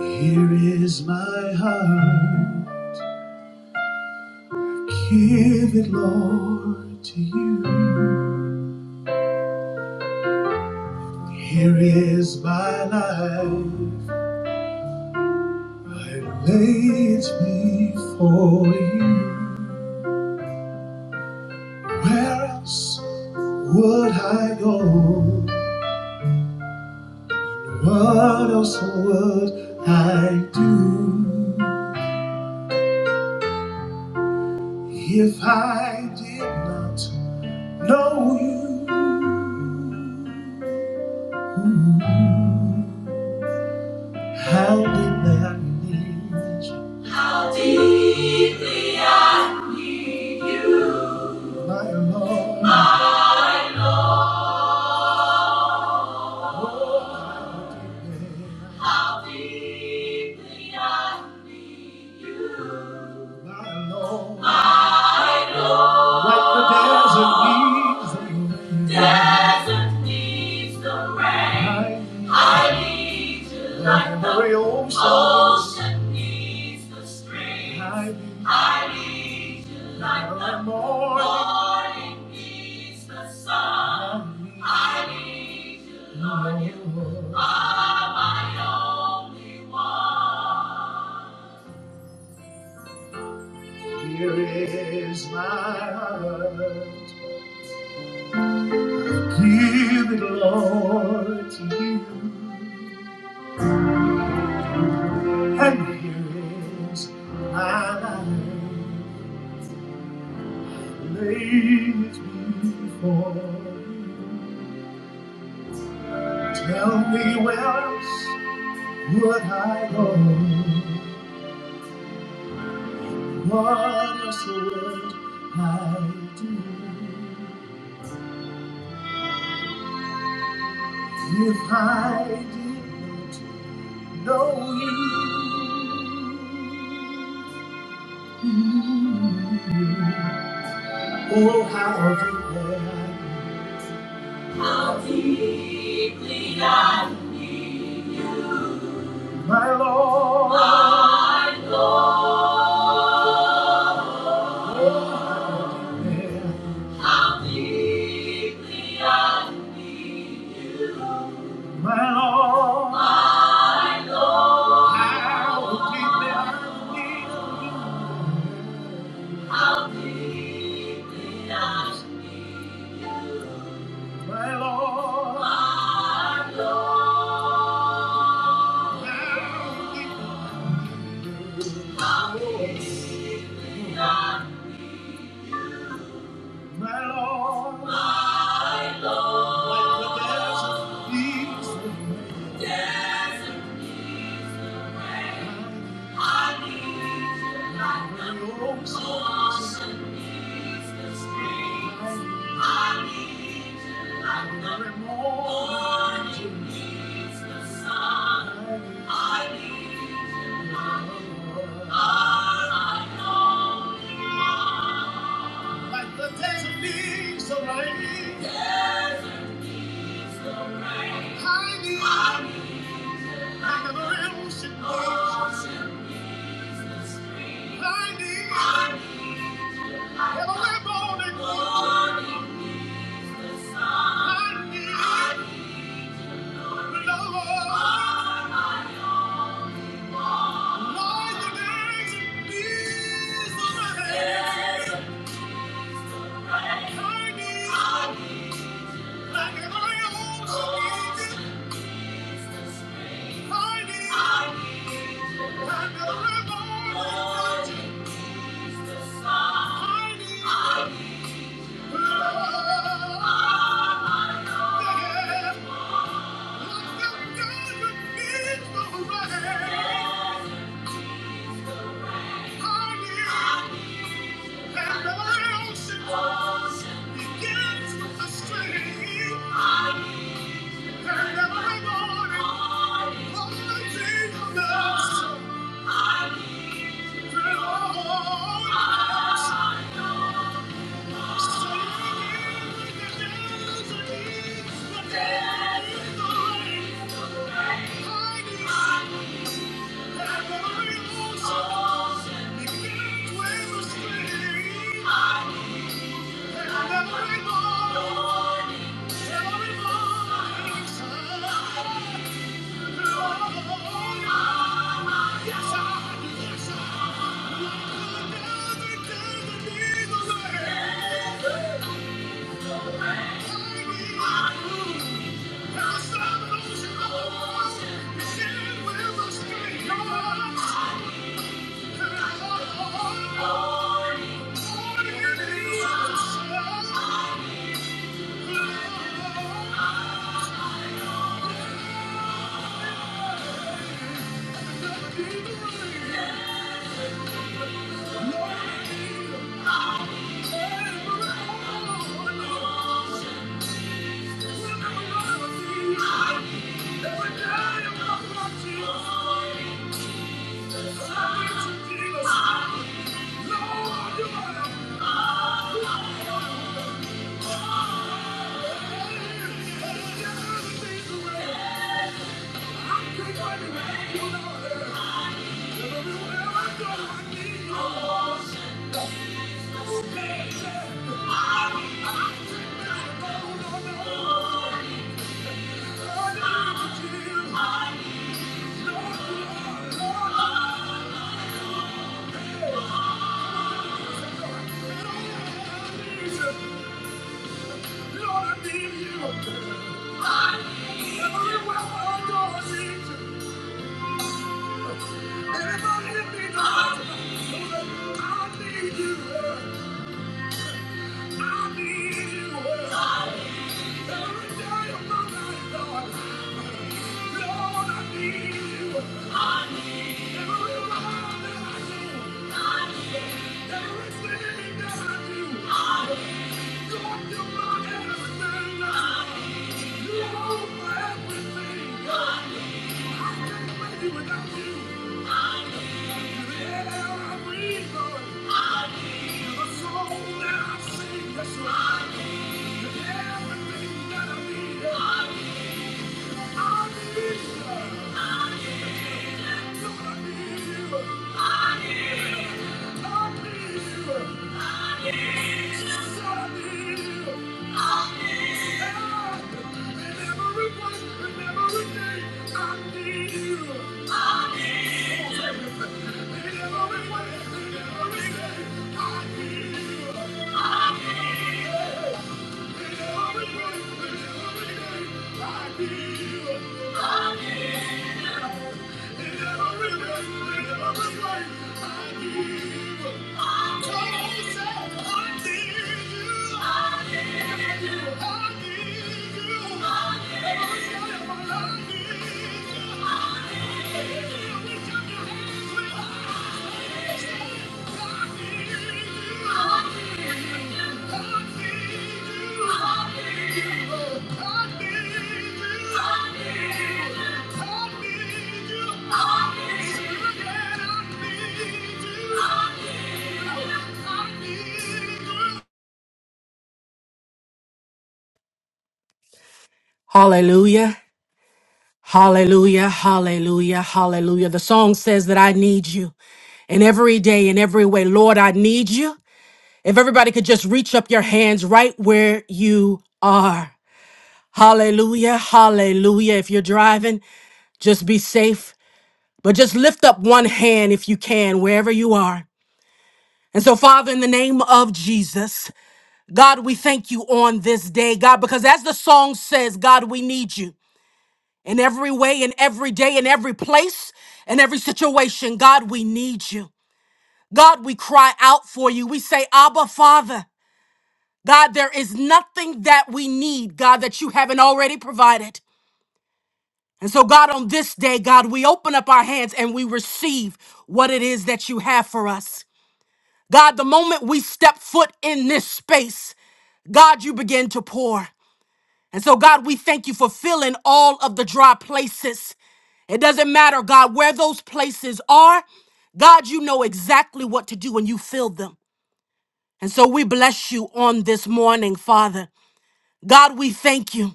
Here is my heart, give it, Lord, to you. Here is my life, I lay it before you. Where else would I go? What else would I do if I did not know you? Ooh. How deeply I need you, How deeply I need you. my Lord. How deeply. how deeply I need you. I know I know that the desert needs the rain. Desert needs the rain. I need you like the Every ocean needs the stream. I need you like the Every morning needs the sun. I need you, Lord. You are my only one. Here is my heart. Give it, Lord, to you. And here is my life. Lay it before you. Tell me what else would I go? What else would I do if I did not know you? Oh, how deeply I, need. how deeply I need you, my Lord, my Lord. Oh, how deeply, how deeply I need you, my Lord, my Lord. How deeply I need you, how deeply I need you. My Lord, my Lord, my Lord, my Lord, my Lord. Like the desert needs the rain. Desert needs the rain. I need. I need. I need. Thank you. Yes, I. Thank you. Oh, I need you. I need you, Every day of my life, Lord. Lord, I need you. I need every mile that I go. I need everything that I do. I need Lord, you're my everything. I need you are my everything. I I can't make without you. I need the air Lord. I need the song that I sing. Yes, Lord. I need everything that I need. I need you. I need you. I need you. Hallelujah. Hallelujah. Hallelujah. Hallelujah. The song says that I need you in every day, in every way. Lord, I need you. If everybody could just reach up your hands right where you are. Hallelujah. Hallelujah. If you're driving, just be safe, but just lift up one hand if you can, wherever you are. And so, Father, in the name of Jesus, God, we thank you on this day, God, because as the song says, God, we need you. in every way, in every day, in every place, in every situation. God, we need you. God, we cry out for you. We say, Abba, Father. God, there is nothing that we need, God, that you haven't already provided. And so, God, on this day, God, we open up our hands and we receive what it is that you have for us. God, the moment we step foot in this space, God, you begin to pour. And so, God, we thank you for filling all of the dry places. It doesn't matter, God, where those places are. God, you know exactly what to do when you filled them. And so we bless you on this morning, Father. God, we thank you.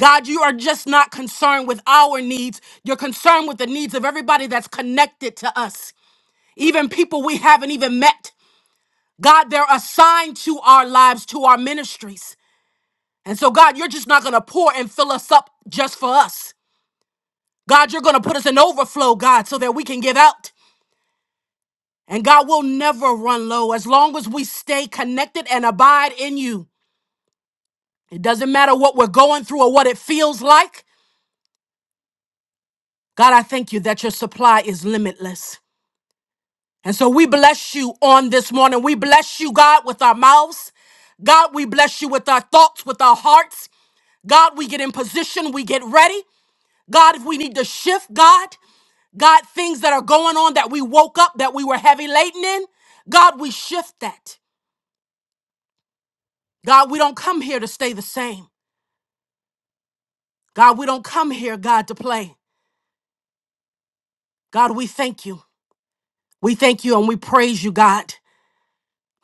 God, you are just not concerned with our needs. You're concerned with the needs of everybody that's connected to us, even people we haven't even met. God, they're assigned to our lives, to our ministries. And so, God, you're just not going to pour and fill us up just for us. God, you're going to put us in overflow, God, so that we can give out. And God will never run low as long as we stay connected and abide in you. It doesn't matter what we're going through or what it feels like. God, I thank you that your supply is limitless. And so we bless you on this morning. We bless you, God, with our mouths. God, we bless you with our thoughts, with our hearts. God, we get in position, we get ready. God, if we need to shift, God, God, things that are going on that we woke up, that we were heavy laden in, God, we shift that. God, we don't come here to stay the same. God, we don't come here, God, to play. God, we thank you. We thank you and we praise you, God,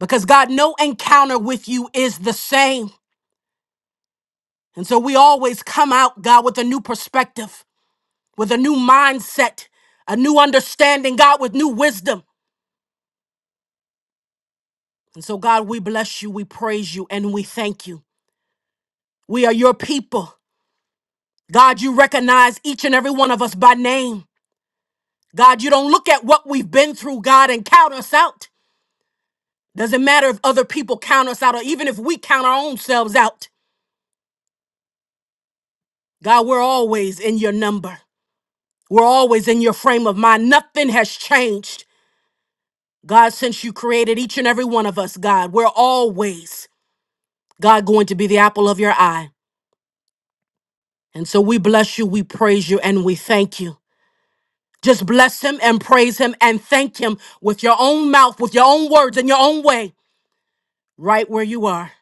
because God, no encounter with you is the same. And so we always come out, God, with a new perspective, with a new mindset, a new understanding, God, with new wisdom. And so, God, we bless you, we praise you, and we thank you. We are your people. God, you recognize each and every one of us by name. God, you don't look at what we've been through, God, and count us out. Doesn't matter if other people count us out or even if we count our own selves out. God, we're always in your number. We're always in your frame of mind. Nothing has changed. God, since you created each and every one of us, God, we're always, God, going to be the apple of your eye. And so we bless you, we praise you, and we thank you. Just bless him and praise him and thank him with your own mouth, with your own words, in your own way, right where you are.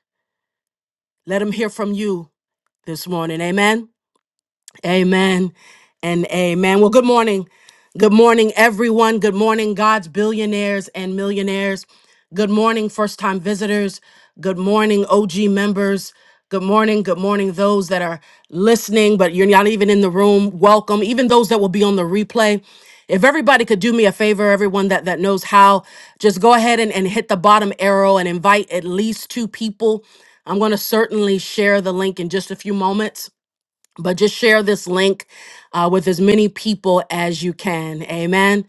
Let him hear from you this morning. Amen. Amen and amen. Well, good morning. Good morning, everyone. Good morning, God's billionaires and millionaires. Good morning, first time visitors. Good morning, OG members. Good morning. Good morning, those that are listening, but you're not even in the room. Welcome. Even those that will be on the replay. If everybody could do me a favor, everyone that, that knows how, just go ahead and, and hit the bottom arrow and invite at least two people. I'm going to certainly share the link in just a few moments but just share this link uh, with as many people as you can. Amen.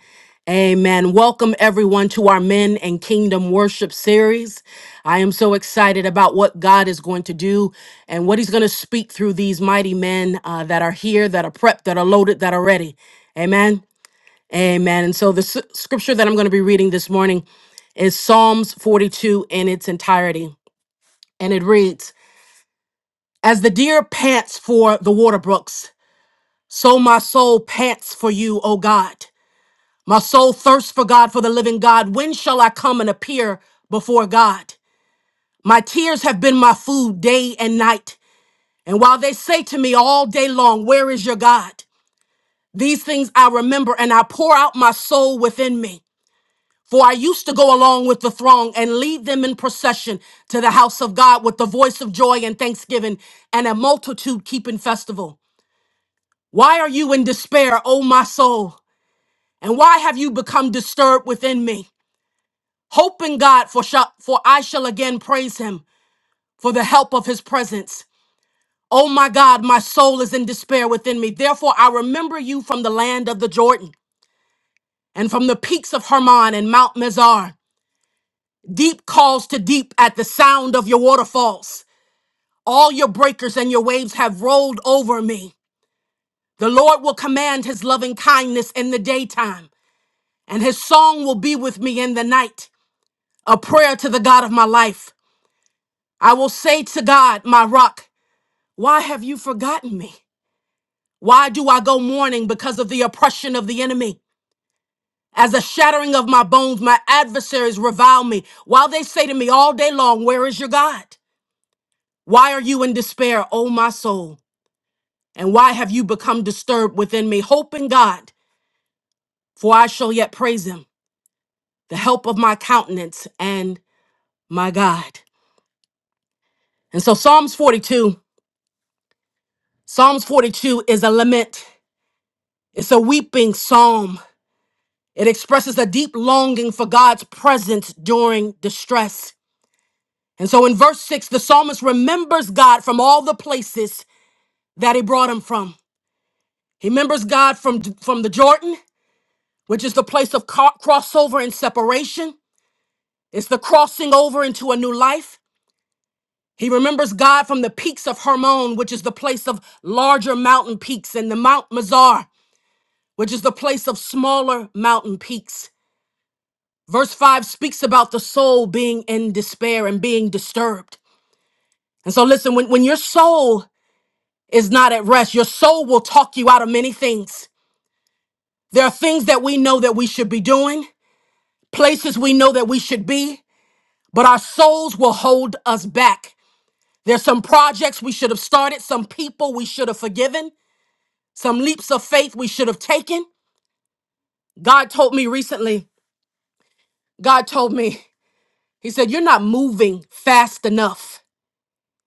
Amen. Welcome everyone to our Men and Kingdom Worship series. I am so excited about what God is going to do and what He's going to speak through these mighty men uh, that are here, that are prepped, that are loaded, that are ready. Amen. Amen. And so the s- scripture that I'm going to be reading this morning is Psalms 42 in its entirety. And it reads As the deer pants for the water brooks, so my soul pants for you, O God. My soul thirsts for God, for the living God. When shall I come and appear before God? My tears have been my food day and night. And while they say to me all day long, Where is your God? These things I remember, and I pour out my soul within me. For I used to go along with the throng and lead them in procession to the house of God with the voice of joy and thanksgiving and a multitude keeping festival. Why are you in despair, O my soul? And why have you become disturbed within me? Hope in God, for, shall, for I shall again praise him for the help of his presence. Oh my God, my soul is in despair within me. Therefore, I remember you from the land of the Jordan and from the peaks of Hermon and Mount Mizar. Deep calls to deep at the sound of your waterfalls. All your breakers and your waves have rolled over me. The Lord will command his loving kindness in the daytime, and his song will be with me in the night, a prayer to the God of my life. I will say to God, my rock, why have you forgotten me? Why do I go mourning because of the oppression of the enemy? As a shattering of my bones, my adversaries revile me, while they say to me all day long, Where is your God? Why are you in despair, O my soul? And why have you become disturbed within me? Hope in God, for I shall yet praise him, the help of my countenance and my God. And so, Psalms 42, Psalms 42 is a lament, it's a weeping psalm. It expresses a deep longing for God's presence during distress. And so in verse 6, the psalmist remembers God from all the places that he brought him from. He remembers God from, from the Jordan, which is the place of co- crossover and separation. It's the crossing over into a new life. He remembers God from the peaks of Hermon, which is the place of larger mountain peaks, and the Mount Mazar, which is the place of smaller mountain peaks. Verse 5 speaks about the soul being in despair and being disturbed. And so, listen, when, when your soul is not at rest, your soul will talk you out of many things. There are things that we know that we should be doing, places we know that we should be, but our souls will hold us back. There's some projects we should have started, some people we should have forgiven, some leaps of faith we should have taken. God told me recently, God told me, He said, You're not moving fast enough.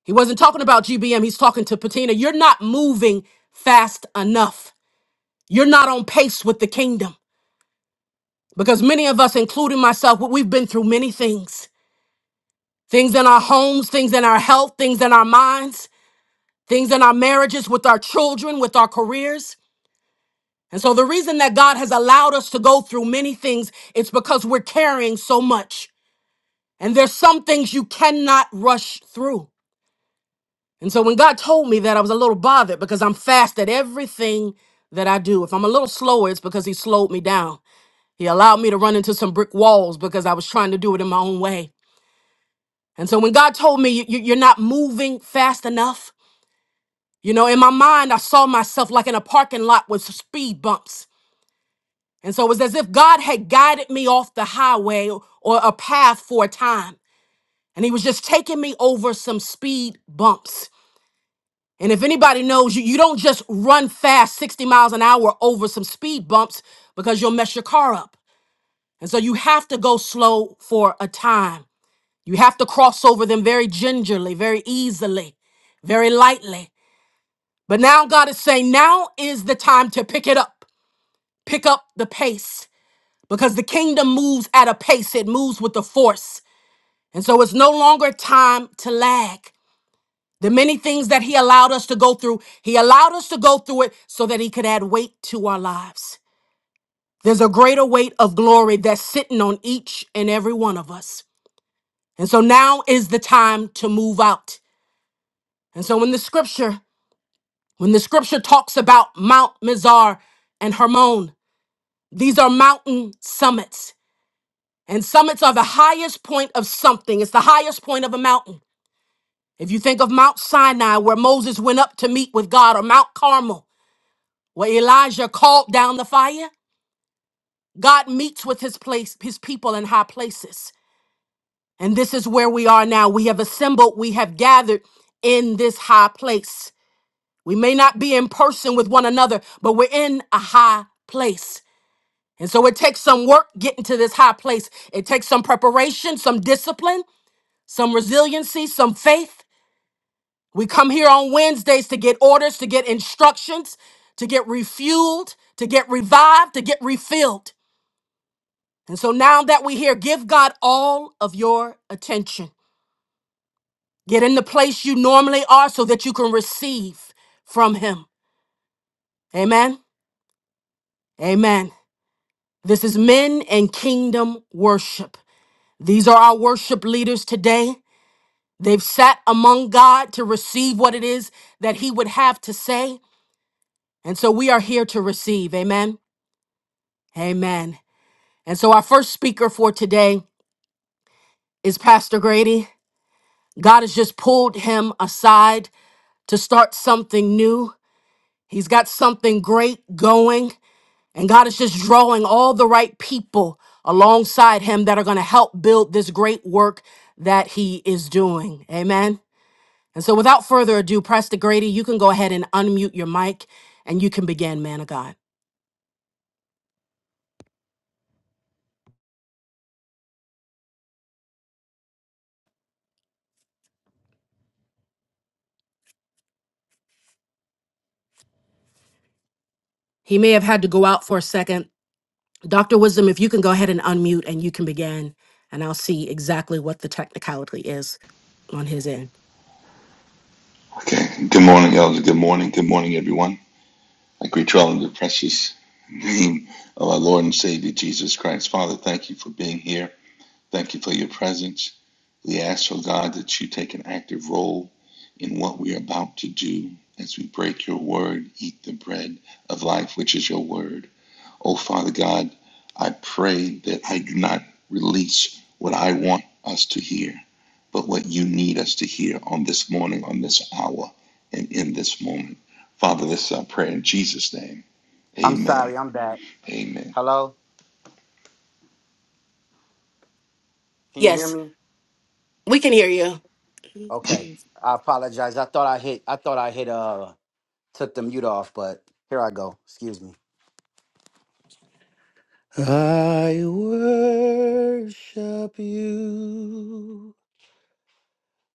He wasn't talking about GBM. He's talking to Patina. You're not moving fast enough. You're not on pace with the kingdom. Because many of us, including myself, we- we've been through many things things in our homes, things in our health, things in our minds, things in our marriages, with our children, with our careers. And so the reason that God has allowed us to go through many things, it's because we're carrying so much. And there's some things you cannot rush through. And so when God told me that, I was a little bothered because I'm fast at everything that I do. If I'm a little slower, it's because He slowed me down. He allowed me to run into some brick walls because I was trying to do it in my own way. And so when God told me, "You- you- You're not moving fast enough, you know, in my mind, I saw myself like in a parking lot with speed bumps. And so it was as if God had guided me off the highway or a path for a time. And He was just taking me over some speed bumps. And if anybody knows you, you don't just run fast 60 miles an hour over some speed bumps because you'll mess your car up. And so you have to go slow for a time. You have to cross over them very gingerly, very easily, very lightly. But now God is saying, now is the time to pick it up, pick up the pace because the kingdom moves at a pace, it moves with the force. And so it's no longer time to lag. The many things that He allowed us to go through, He allowed us to go through it so that He could add weight to our lives. There's a greater weight of glory that's sitting on each and every one of us. And so now is the time to move out. And so when the scripture, when the scripture talks about Mount Mizar and Hermon, these are mountain summits. And summits are the highest point of something. It's the highest point of a mountain. If you think of Mount Sinai, where Moses went up to meet with God, or Mount Carmel, where Elijah called down the fire, God meets with his place, his people in high places. And this is where we are now. We have assembled, we have gathered in this high place. We may not be in person with one another, but we're in a high place. And so it takes some work getting to this high place. It takes some preparation, some discipline, some resiliency, some faith. We come here on Wednesdays to get orders, to get instructions, to get refueled, to get revived, to get refilled. And so now that we're here, give God all of your attention. Get in the place you normally are so that you can receive from Him. Amen. Amen. This is men and kingdom worship. These are our worship leaders today. They've sat among God to receive what it is that He would have to say. And so we are here to receive. Amen. Amen. And so our first speaker for today is Pastor Grady. God has just pulled him aside to start something new. He's got something great going, and God is just drawing all the right people alongside him that are going to help build this great work that he is doing. Amen. And so, without further ado, Pastor Grady, you can go ahead and unmute your mic and you can begin, man of God. He may have had to go out for a second. Dr. Wisdom, if you can go ahead and unmute and you can begin, and I'll see exactly what the technicality is on his end. Okay. Good morning, Elder. Good morning. Good morning, everyone. I greet you all in the precious name of our Lord and Savior Jesus Christ. Father, thank you for being here. Thank you for your presence. We ask, oh God, that you take an active role in what we are about to do as we break your word, eat the bread of life, which is your word. Oh, Father God, I pray that I do not release what I want us to hear, but what you need us to hear on this morning, on this hour, and in this moment. Father, this is our prayer in Jesus' name. I'm Amen. sorry, I'm back. Amen. Hello? Can you hear Yes, me? we can hear you. Okay. I apologize. I thought I hit I thought I hit uh took the mute off, but here I go. Excuse me. I worship you,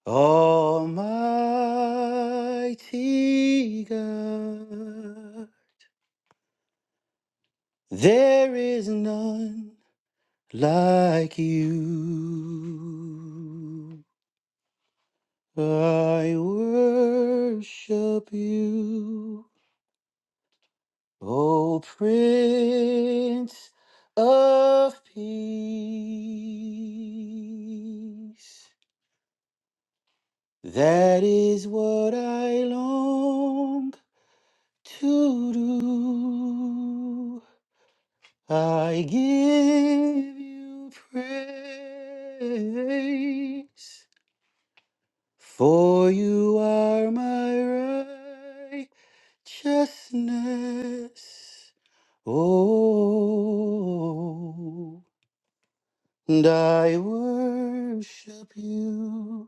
Almighty God. There is none like you. I worship you. O Prince of Peace, that is what I long to do. I give you praise, for you are my righteousness. Oh. And I worship you,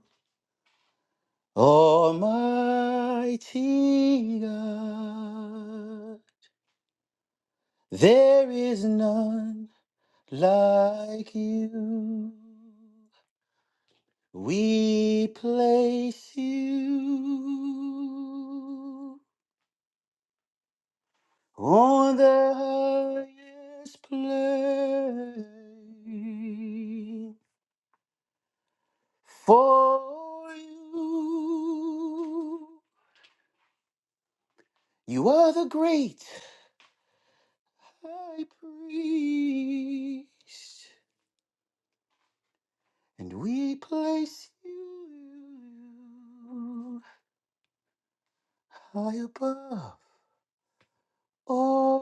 Almighty God. There is none like you. We place you on the highest place. For you, you are the great high priest, and we place you high above all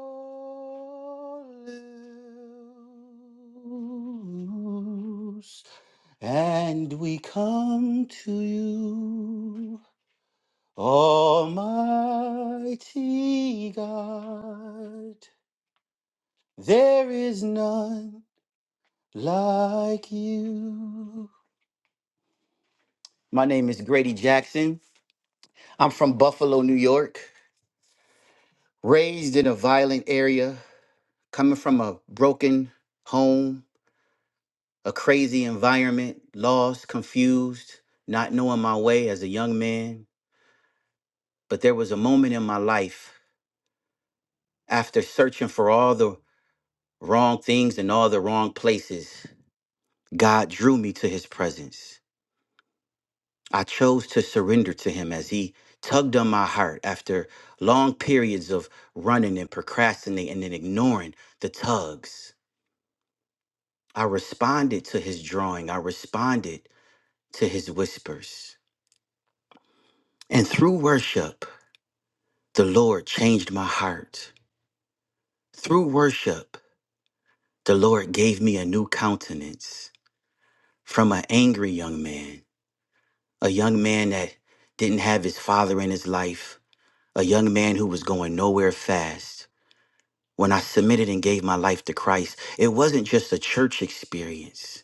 else, and we come to you, Almighty God. There is none like you. My name is Grady Jackson. I'm from Buffalo, New York, raised in a violent area, coming from a broken home, a crazy environment, lost, confused, not knowing my way as a young man. But there was a moment in my life after searching for all the wrong things in all the wrong places, God drew me to his presence. I chose to surrender to him as he tugged on my heart after long periods of running and procrastinating and ignoring the tugs. I responded to his drawing. I responded to his whispers. And through worship, the Lord changed my heart. Through worship, the Lord gave me a new countenance from an angry young man, a young man that didn't have his father in his life, a young man who was going nowhere fast. When I submitted and gave my life to Christ, it wasn't just a church experience.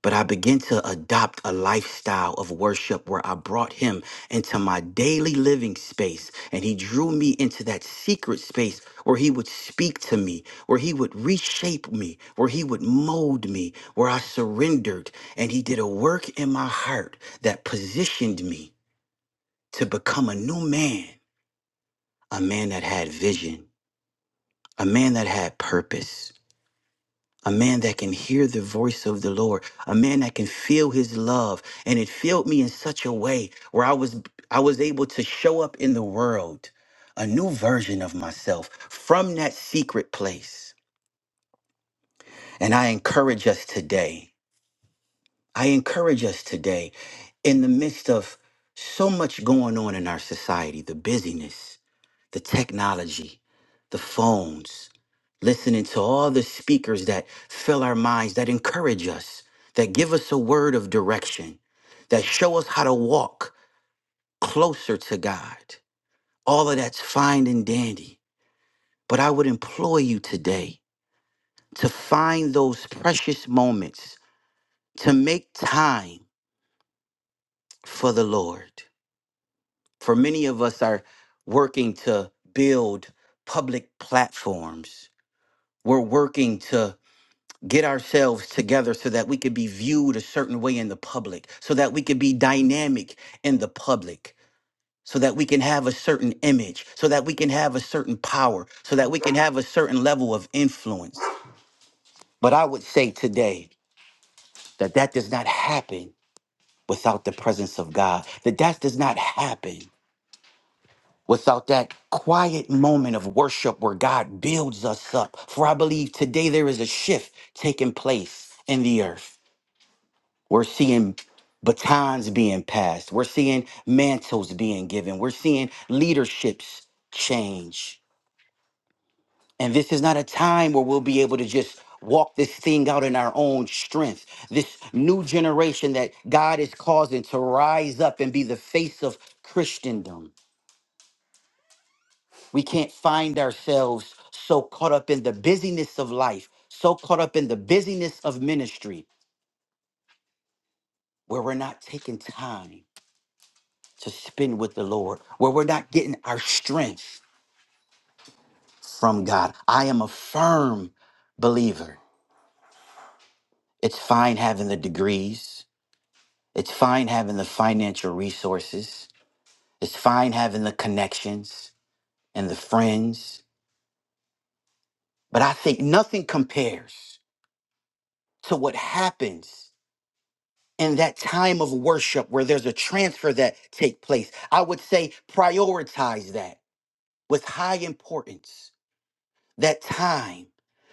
But I began to adopt a lifestyle of worship where I brought him into my daily living space and he drew me into that secret space where he would speak to me, where he would reshape me, where he would mold me, where I surrendered and he did a work in my heart that positioned me to become a new man, a man that had vision, a man that had purpose. a man that can hear the voice of the Lord, a man that can feel his love. And it filled me in such a way where I was I was able to show up in the world, a new version of myself from that secret place. And I encourage us today. I encourage us today in the midst of so much going on in our society, the busyness, the technology, the phones, listening to all the speakers that fill our minds, that encourage us, that give us a word of direction, that show us how to walk closer to God. All of that's fine and dandy. But I would implore you today to find those precious moments, to make time for the Lord. For many of us are working to build public platforms. We're working to get ourselves together so that we could be viewed a certain way in the public, so that we could be dynamic in the public, so that we can have a certain image, so that we can have a certain power, so that we can have a certain level of influence. But I would say today that that does not happen without the presence of God, that that does not happen. Without that quiet moment of worship where God builds us up. For I believe today there is a shift taking place in the earth We're seeing batons being passed. We're seeing mantles being given. We're seeing leaderships change. And this is not a time where we'll be able to just walk this thing out in our own strength. This new generation that God is causing to rise up and be the face of Christendom. We can't find ourselves so caught up in the busyness of life, so caught up in the busyness of ministry, where we're not taking time to spend with the Lord, where we're not getting our strength from God. I am a firm believer. It's fine having the degrees, it's fine having the financial resources, it's fine having the connections and the friends. But I think nothing compares to what happens in that time of worship where there's a transfer that take place. I would say prioritize that with high importance that time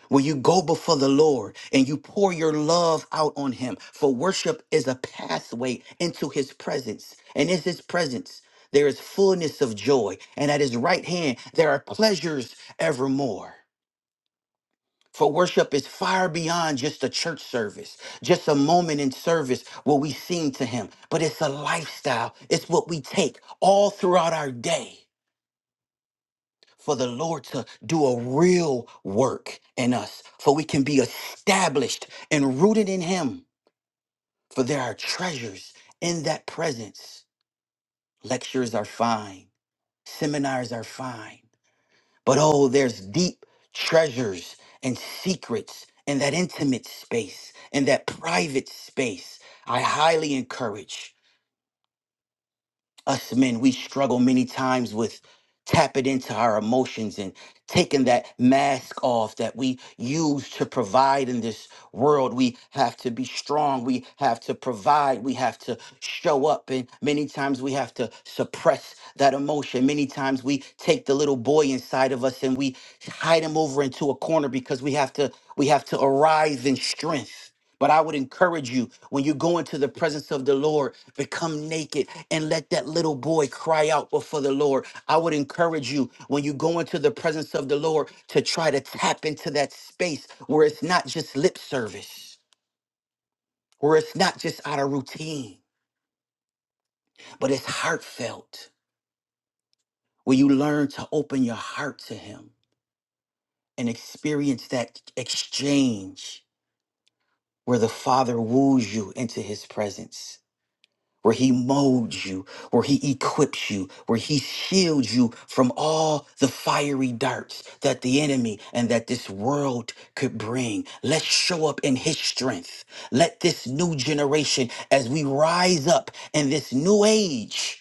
when you go before the Lord and you pour your love out on Him. For worship is a pathway into His presence. And in His presence, there is fullness of joy. And at His right hand, there are pleasures evermore. For worship is far beyond just a church service, just a moment in service where we sing to Him, but it's a lifestyle. It's what we take all throughout our day for the Lord to do a real work in us, for we can be established and rooted in Him, for there are treasures in that presence. Lectures are fine, seminars are fine, but oh, there's deep treasures and secrets in that intimate space, in that private space. I highly encourage. us men, we struggle many times with tapping into our emotions and taking that mask off that we use to provide in this world. We have to be strong. We have to provide. We have to show up. And many times we have to suppress that emotion. Many times we take the little boy inside of us and we hide him over into a corner because we have to we have to arise in strength but I would encourage you when you go into the presence of the Lord, become naked and let that little boy cry out before the Lord. I would encourage you when you go into the presence of the Lord to try to tap into that space where it's not just lip service, where it's not just out of routine, but it's heartfelt, where you learn to open your heart to Him and experience that exchange where the Father woos you into His presence where he molds you, where he equips you, where he shields you from all the fiery darts that the enemy and that this world could bring. Let's show up in his strength. Let this new generation, as we rise up in this new age,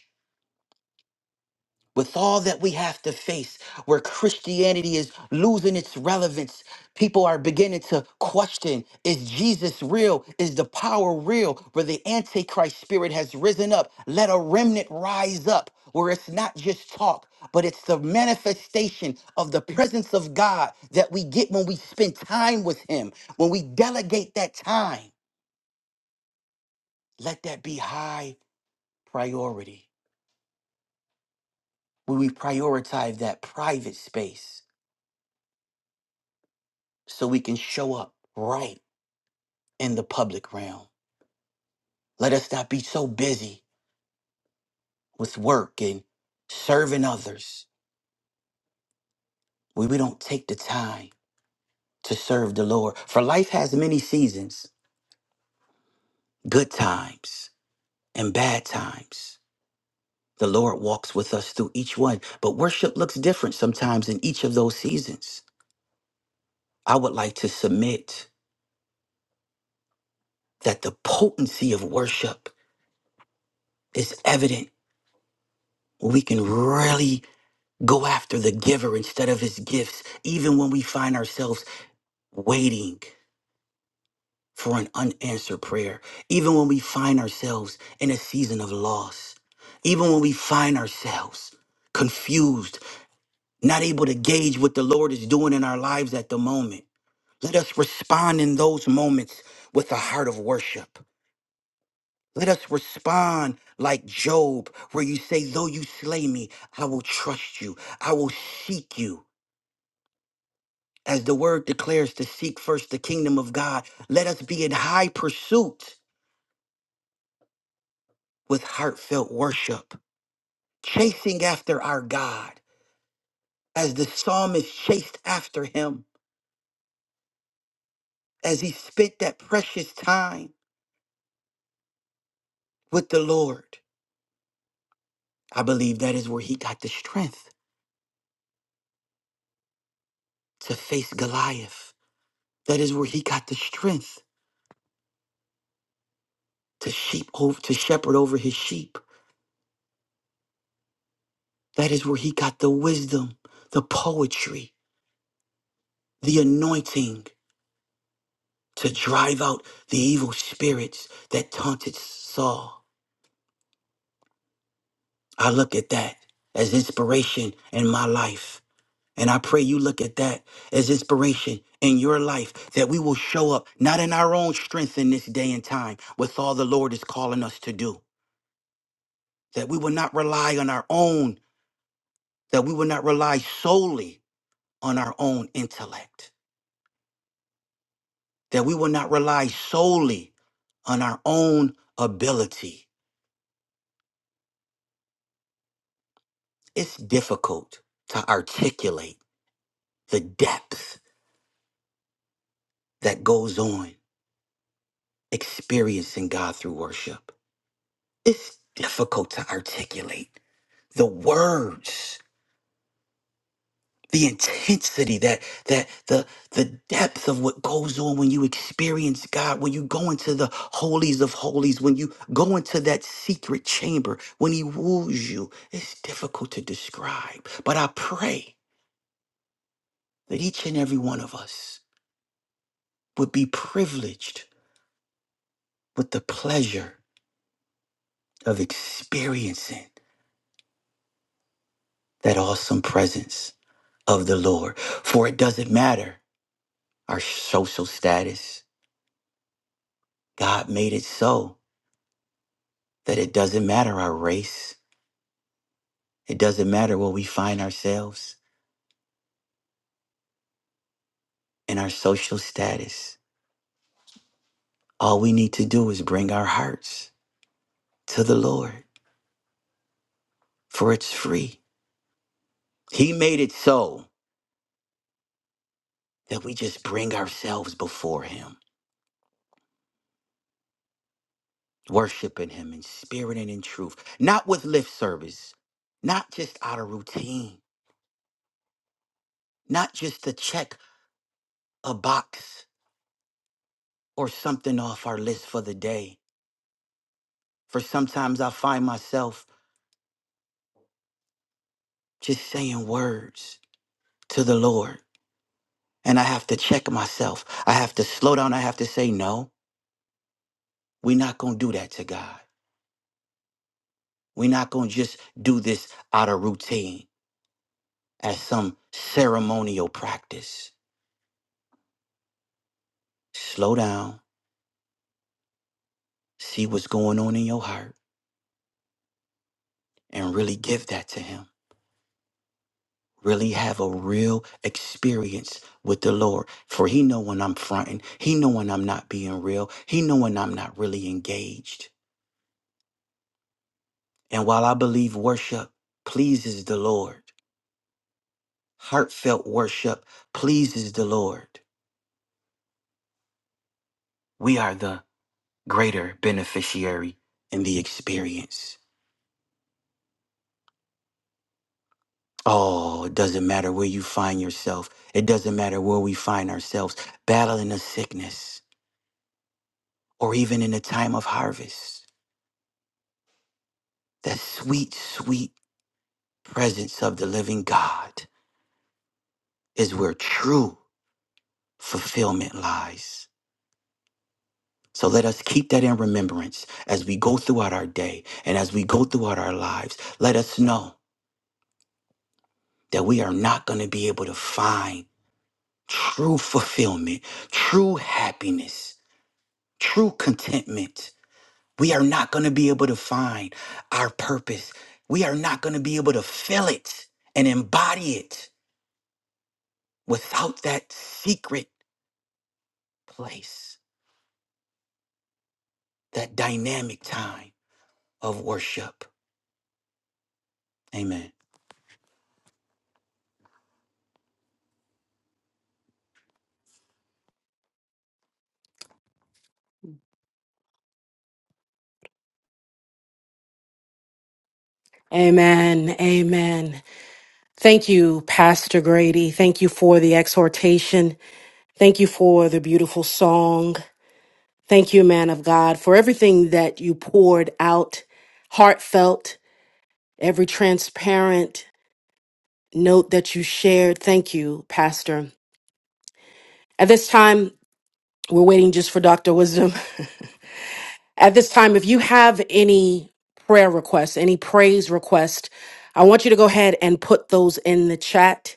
with all that we have to face, where Christianity is losing its relevance, people are beginning to question is Jesus real? Is the power real? Where the Antichrist spirit has risen up, let a remnant rise up, where it's not just talk, but it's the manifestation of the presence of God that we get when we spend time with Him, when we delegate that time. Let that be high priority, when we prioritize that private space so we can show up right in the public realm. Let us not be so busy with work and serving others where we don't take the time to serve the Lord. For life has many seasons good times and bad times. The Lord walks with us through each one, but worship looks different sometimes in each of those seasons. I would like to submit that the potency of worship is evident. when We can really Go after the giver instead of his gifts, even when we find ourselves waiting for an unanswered prayer, even when we find ourselves in a season of loss, even when we find ourselves confused, not able to gauge what the Lord is doing in our lives at the moment. Let us respond in those moments with a heart of worship. Let us respond like Job, where you say, Though you slay me, I will trust you. I will seek you. As the word declares to seek first the kingdom of God, let us be in high pursuit with heartfelt worship, chasing after our God, as the psalmist chased after him, as he spent that precious time with the Lord. I believe that is where he got the strength to face Goliath. That is where he got the strength to sheep over, to shepherd over his sheep. That is where he got the wisdom, the poetry, the anointing to drive out the evil spirits that taunted Saul. I look at that as inspiration in my life. And I pray you look at that as inspiration in your life that we will show up not in our own strength in this day and time with all the Lord is calling us to do. That we will not rely on our own, that we will not rely solely on our own intellect, that we will not rely solely on our own ability It's difficult to articulate the depth that goes on experiencing God through worship. It's difficult to articulate the words, the intensity that that the the depth of what goes on when you experience God, when you go into the holies of holies, when you go into that secret chamber, when he woos you. It's difficult to describe, but I pray that each and every one of us would be privileged with the pleasure of experiencing that awesome presence of the Lord. For it doesn't matter our social status. God made it so that it doesn't matter our race. It doesn't matter where we find ourselves in our social status. All we need to do is bring our hearts to the Lord, for it's free. He made it so that we just bring ourselves before Him worshiping him in spirit and in truth, not with lip service, not just out of routine, not just to check a box or something off our list for the day. For sometimes I find myself just saying words to the Lord and I have to check myself. I have to slow down. I have to say, no, we're not going to do that to God. We're not going to just do this out of routine as some ceremonial practice. Slow down, see what's going on in your heart and really give that to him really have a real experience with the lord for he know when i'm fronting he know when i'm not being real he know when i'm not really engaged and while i believe worship pleases the lord heartfelt worship pleases the lord we are the greater beneficiary in the experience oh it doesn't matter where you find yourself it doesn't matter where we find ourselves battling a sickness or even in a time of harvest The sweet, sweet presence of the living God is where true fulfillment lies. So let us keep that in remembrance as we go throughout our day and as we go throughout our lives. Let us know that we are not going to be able to find true fulfillment, true happiness, true contentment. We are not going to be able to find our purpose. We are not going to be able to feel it and embody it without that secret place, that dynamic time of worship. Amen. Amen. Amen. Thank you, Pastor Grady. Thank you for the exhortation. Thank you for the beautiful song. Thank you, man of God, for everything that you poured out, heartfelt, every transparent note that you shared. Thank you, Pastor. At this time, we're waiting just for Dr. Wisdom. At this time, if you have any prayer requests, any praise requests, I want you to go ahead and put those in the chat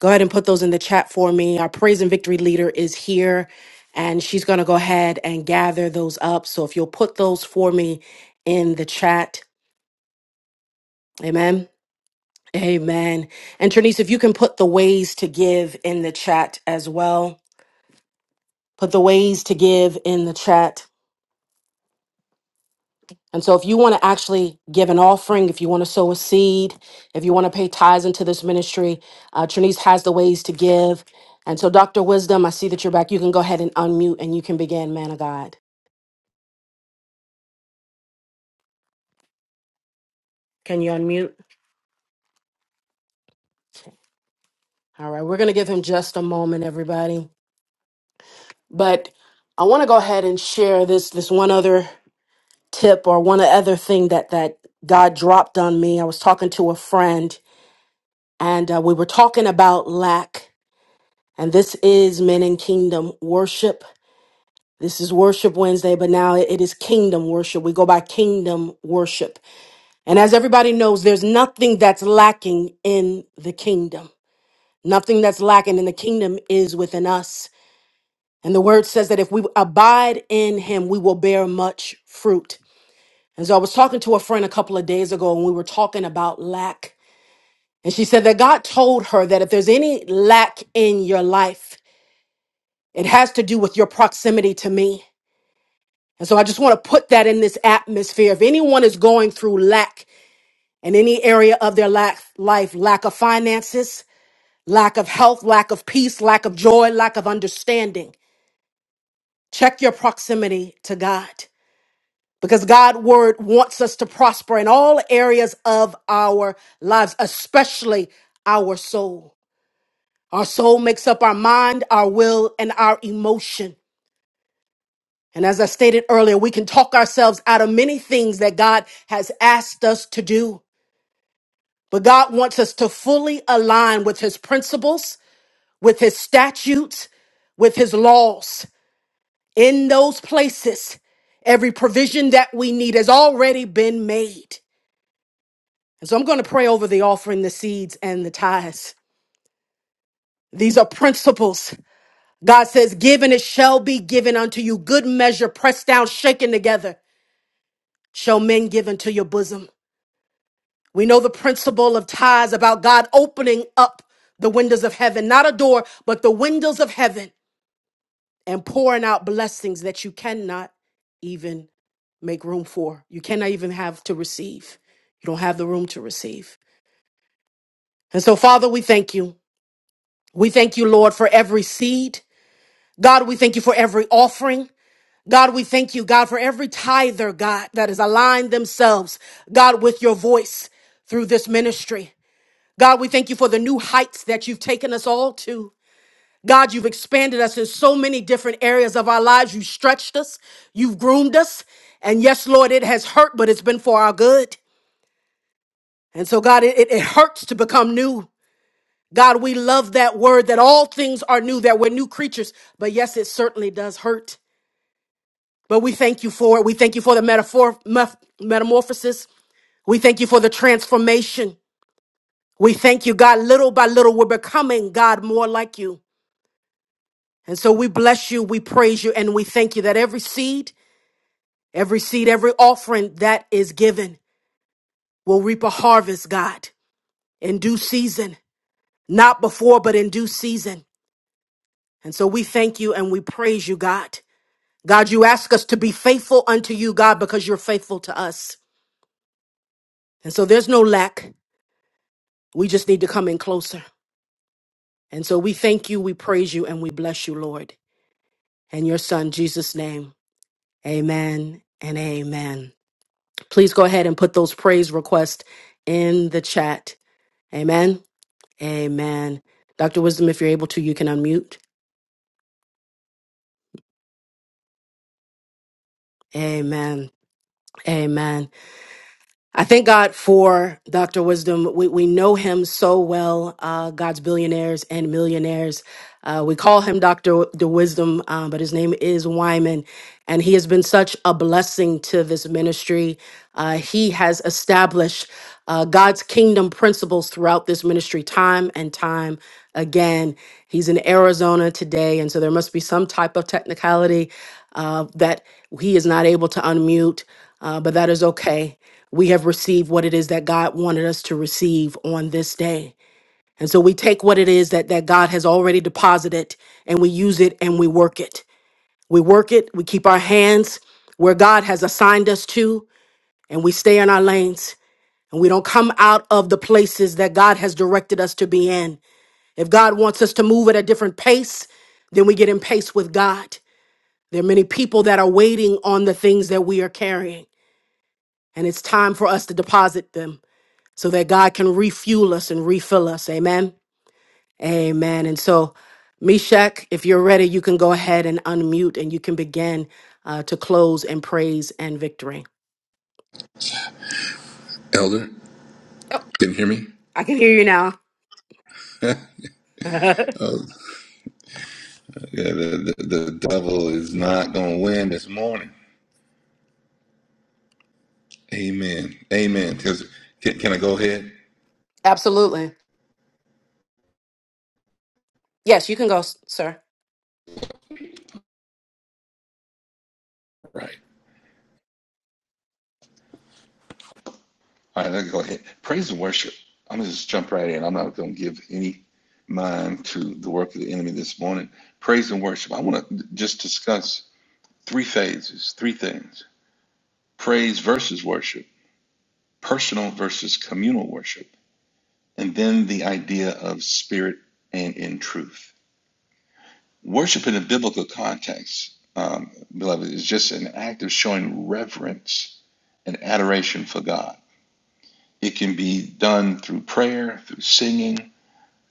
Go ahead and put those in the chat for me. Our praise and victory leader is here and she's going to go ahead and gather those up. So if you'll put those for me in the chat. Amen. Amen. And Trinice, if you can put the ways to give in the chat as well. Put the ways to give in the chat. And so, if you want to actually give an offering, if you want to sow a seed, if you want to pay tithes into this ministry, uh, Trinise has the ways to give. And so, Dr. Wisdom, I see that you're back. You can go ahead and unmute and you can begin, man of God. Can you unmute? All right, we're going to give him just a moment, everybody. But I want to go ahead and share this this one other tip or one other thing that that God dropped on me. I was talking to a friend and uh, we were talking about lack. And this is men in kingdom worship This is Worship Wednesday, but now it is Kingdom Worship. We go by Kingdom Worship. And as everybody knows, there's nothing that's lacking in the kingdom. Nothing that's lacking in the kingdom is within us. And the word says that if we abide in him, we will bear much fruit. And so I was talking to a friend a couple of days ago, and we were talking about lack. And she said that God told her that if there's any lack in your life, it has to do with your proximity to me. And so I just want to put that in this atmosphere. If anyone is going through lack in any area of their lack, life, lack of finances, lack of health, lack of peace, lack of joy, lack of understanding, check your proximity to God because God's word wants us to prosper in all areas of our lives, especially our soul. Our soul makes up our mind, our will, and our emotion. And as I stated earlier, we can talk ourselves out of many things that God has asked us to do. But God wants us to fully align with his principles, with his statutes, with his laws. In those places, every provision that we need has already been made. And so I'm going to pray over the offering, the seeds, and the tithes. These are principles. God says, Give and it shall be given unto you. Good measure, pressed down, shaken together, shall men give into your bosom. We know the principle of tithes about God opening up the windows of heaven, not a door, but the windows of heaven and pouring out blessings that you cannot even make room for. You cannot even have to receive. You don't have the room to receive. And so, Father, we thank you. We thank you, Lord, for every seed. God, we thank you for every offering. God, we thank you, God, for every tither, God, that has aligned themselves, God, with your voice through this ministry. God, we thank you for the new heights that you've taken us all to. God, you've expanded us in so many different areas of our lives. You've stretched us, you've groomed us. And yes, Lord, it has hurt, but it's been for our good. And so, God, it, it it hurts to become new. God, we love that word that all things are new, that we're new creatures. But yes, it certainly does hurt. But we thank you for it. We thank you for the metaphor, meth- metamorphosis. We thank you for the transformation. We thank you, God. Little by little, we're becoming, God, more like you. And so we bless you, we praise you, and we thank you that every seed, every seed, every offering that is given will reap a harvest, God, in due season, not before, but in due season. And so we thank you and we praise you, God. God, you ask us to be faithful unto you, God, because you're faithful to us. And so there's no lack. We just need to come in closer. And so we thank you, we praise you, and we bless you, Lord. In your son, Jesus' name, amen and amen. please go ahead and put those praise requests in the chat. Amen. Amen. Dr. Wisdom, if you're able to, you can unmute. Amen. Amen. I thank God for Dr. Wisdom. We, we know him so well, uh, God's billionaires and millionaires. Uh, we call him Dr. The Wisdom, um, but his name is Wyman. And he has been such a blessing to this ministry. Uh, he has established uh, God's kingdom principles throughout this ministry time and time Again, he's in Arizona today, and so there must be some type of technicality uh, that he is not able to unmute, uh, but that is okay. We have received what it is that God wanted us to receive on this day. And so we take what it is that, that God has already deposited and we use it and we work it. We work it, we keep our hands where God has assigned us to, and we stay in our lanes and we don't come out of the places that God has directed us to be in. If God wants us to move at a different pace, then we get in pace with God. There are many people that are waiting on the things that we are carrying, and it's time for us to deposit them so that God can refuel us and refill us. Amen. Amen. And so, Meshach, if you're ready, you can go ahead and unmute and you can begin uh, to close in praise and victory. Elder, Oh, can you hear me? I can hear you now. oh, yeah, the, the, the devil is not going to win this morning. Amen. Amen. Because can, can I go ahead? Absolutely. Yes, you can go, s- sir. Right. All right, let's go ahead. Praise and worship. I'm gonna just jump right in. I'm not gonna give any mind to the work of the enemy this morning. Praise and worship. I want to just discuss three phases, three things: praise versus worship, personal versus communal worship, and then the idea of spirit and in truth. Worship in a biblical context, um, beloved, is just an act of showing reverence and adoration for God. It can be done through prayer, through singing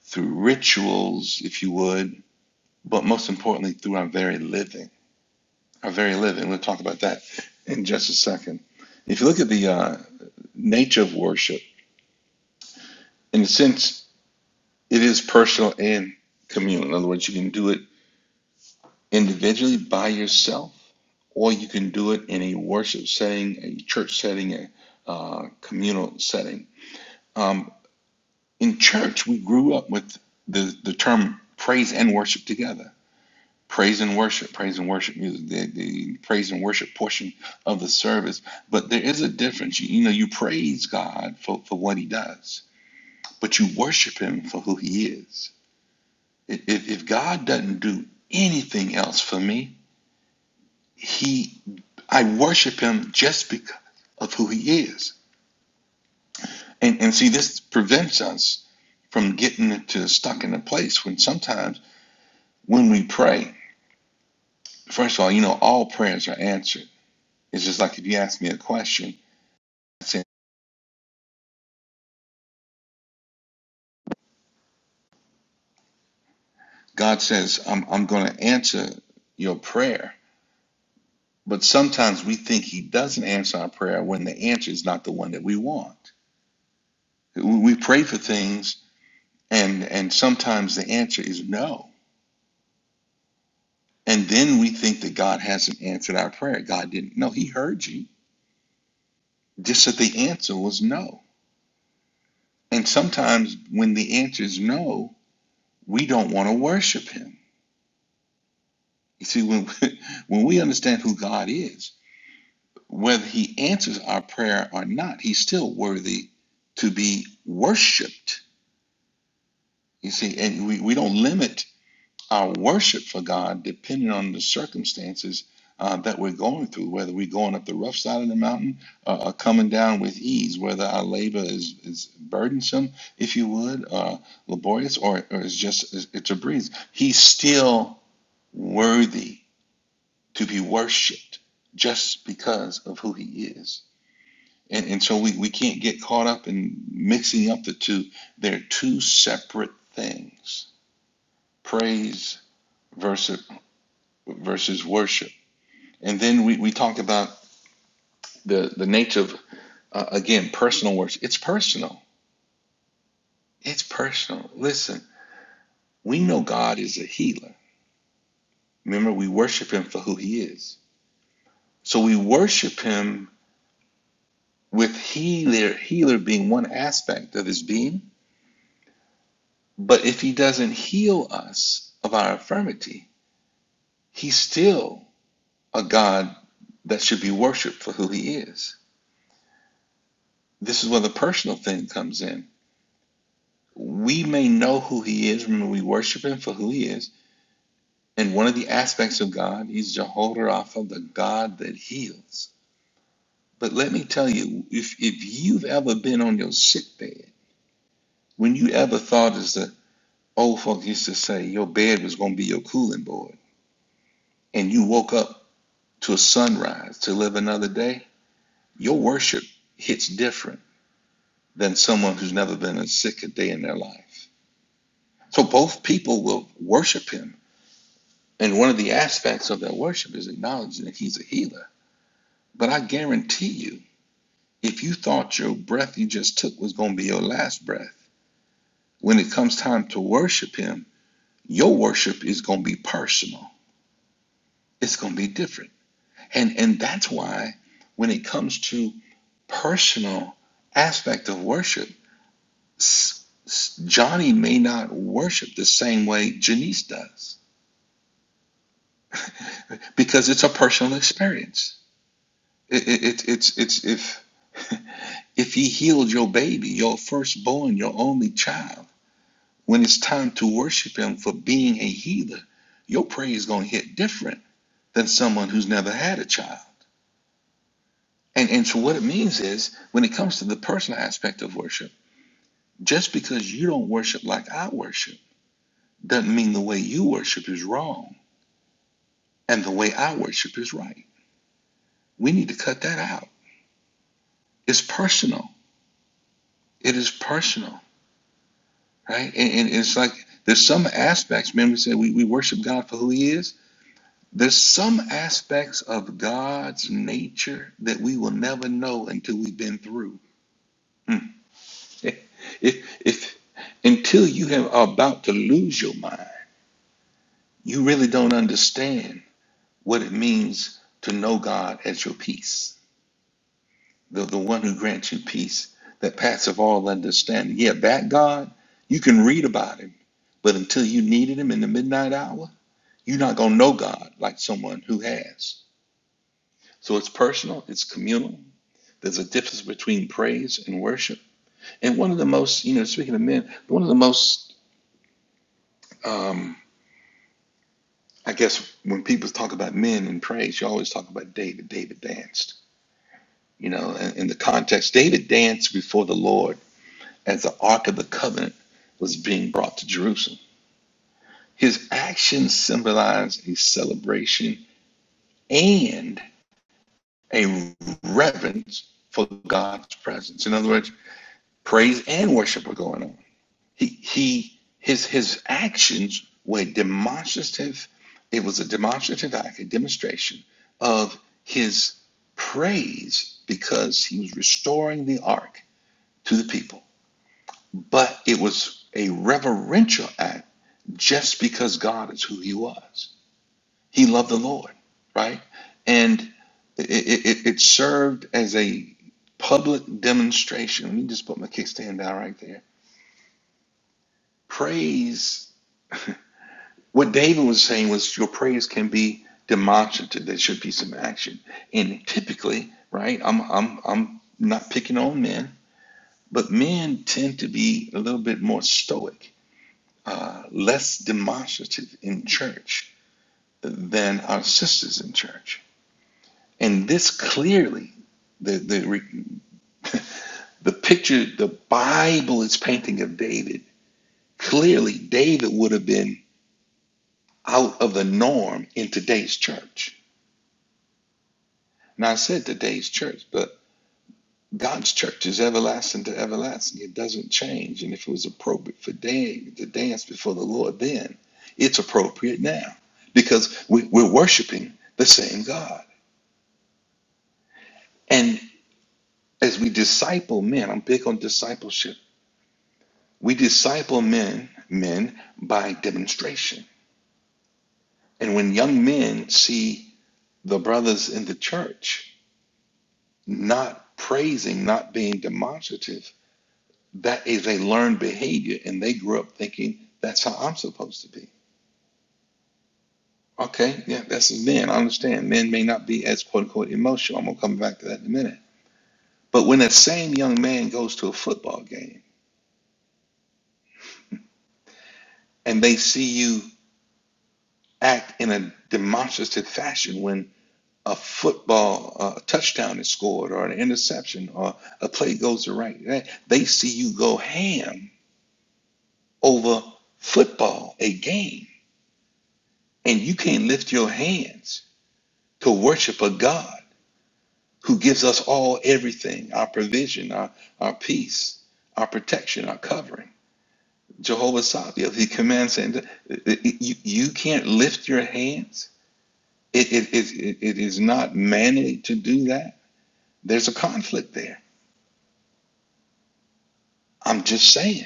through rituals, if you would, but most importantly through our very living. Our very living. We'll talk about that in just a second. If you look at the uh, nature of worship, in a sense, it is personal and communal. In other words, you can do it individually by yourself, or you can do it in a worship setting, a church setting, a uh, communal setting. Um, in church, we grew up with the, the term praise and worship together praise and worship, praise and worship music, the, the praise and worship portion of the service. But there is a difference. You, you know, you praise God for, for what he does, but you worship him for who he is. If, if if God doesn't do anything else for me, he I worship him just because of who he is. And, and see, this prevents us from getting into, stuck in a place when sometimes when we pray, first of all, you know, all prayers are answered. It's just like if you ask me a question, God says, I'm, I'm going to answer your prayer. But sometimes we think He doesn't answer our prayer when the answer is not the one that we want. We we pray for things, and, and sometimes the answer is no. And then we think that God hasn't answered our prayer. God didn't. No, He heard you, just that the answer was no. And sometimes when the answer is no, we don't want to worship Him. You see, when, when we understand who God is, whether he answers our prayer or not, he's still worthy to be worshiped. You see, and we, we don't limit our worship for God depending on the circumstances uh, that we're going through, whether we're going up the rough side of the mountain uh, or coming down with ease, whether our labor is, is burdensome, if you would, uh, laborious, or, or it's just it's it's a breeze. He's still worthy to be worshiped just because of who he is. And, and so we, we can't get caught up in mixing up the two. They're two separate things praise versus, versus worship. And then we, we talked about the, the nature of, uh, again, personal worship. It's personal. It's personal. Listen, we know God is a healer. Remember, we worship Him for who He is. So we worship Him with healer, healer being one aspect of His being. But if He doesn't heal us of our infirmity, He still a God that should be worshiped for who he is. This is where the personal thing comes in. We may know who he is when we worship him for who he is. And one of the aspects of God, he's Jehovah Rapha, the God that heals. But let me tell you, if, if you've ever been on your sick bed, when you ever thought, as the old folk used to say, your bed was going to be your cooling board, and you woke up to a sunrise to live another day, your worship hits different than someone who's never been as sick a day in their life. So both people will worship him. And one of the aspects of that worship is acknowledging that he's a healer. But I guarantee you, if you thought your breath you just took was going to be your last breath, when it comes time to worship him, your worship is going to be personal. It's going to be different. And and that's why when it comes to personal aspect of worship, Johnny may not worship the same way Janice does. because it's a personal experience. It, it, it, it's it's if if He healed your baby, your firstborn, your only child, when it's time to worship Him for being a healer, your praise is going to hit different than someone who's never had a child. And and so what it means is when it comes to the personal aspect of worship, just because you don't worship like I worship doesn't mean the way you worship is wrong and the way I worship is right. We need to cut that out. It's personal. It is personal. right? And, and it's like there's some aspects. Remember, we said we, we worship God for who He is. There's some aspects of God's nature that we will never know until we've been through. Hmm. If if until you have are about to lose your mind, you really don't understand what it means to know God as your peace, the the one who grants you peace that passeth all understanding. Yeah, that God you can read about Him, but until you needed Him in the midnight hour. You're not going to know God like someone who has. So it's personal, it's communal. There's a difference between praise and worship. And one of the most, you know, speaking of men, one of the most, um, I guess, when people talk about men and praise, you always talk about David. David danced, you know, in, in the context. David danced before the Lord as the Ark of the Covenant was being brought to Jerusalem. His actions symbolize a celebration and a reverence for God's presence. In other words, praise and worship were going on. He he his his actions were demonstrative. It was a demonstrative act, a demonstration of his praise because he was restoring the ark to the people. But it was a reverential act just because God is who he was. He loved the Lord, right? And it, it, it served as a public demonstration. Let me just put my kickstand down right there. Praise, what David was saying was your praise can be demonstrative. There should be some action. And typically, right, I'm, I'm, I'm not picking on men, but men tend to be a little bit more stoic, uh, less demonstrative in church than our sisters in church And this clearly, the, the, the picture the Bible is painting of David, clearly David would have been out of the norm in today's church. Now, I said today's church, but God's church is everlasting to everlasting. It doesn't change. And if it was appropriate for David to dance before the Lord then, it's appropriate now because we, we're worshiping the same God. And as we disciple men, I'm big on discipleship We disciple men, men by demonstration. And when young men see the brothers in the church not praising, not being demonstrative, that is a learned behavior, and they grew up thinking that's how I'm supposed to be. Okay, yeah, that's men. I understand. Men may not be as quote unquote emotional. I'm gonna come back to that in a minute. But when that same young man goes to a football game and they see you act in a demonstrative fashion when a football uh, touchdown is scored or an interception or a play goes to right. They see you go ham over football, a game, and you can't lift your hands to worship a God who gives us all everything, our provision, our, our peace, our protection, our covering. Jehovah Sabaoth. he commands and you, you can't lift your hands. it, it, it it is not manly to do that. There's a conflict there. I'm just saying.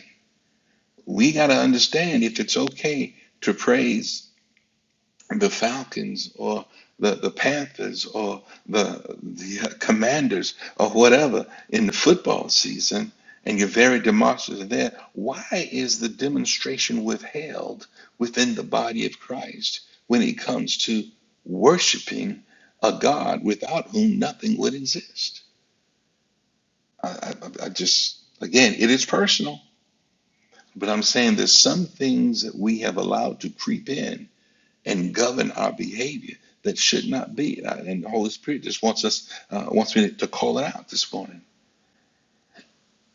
we got to understand if it's okay to praise the Falcons or the, the Panthers or the, the uh, Commanders or whatever in the football season, and you're very demonstrative there. Why is the demonstration withheld within the body of Christ when it comes to worshiping a God without whom nothing would exist? I, I, I just, again, it is personal But I'm saying there's some things that we have allowed to creep in and govern our behavior that should not be. Uh, And the Holy Spirit just wants us, uh, wants me to call it out this morning.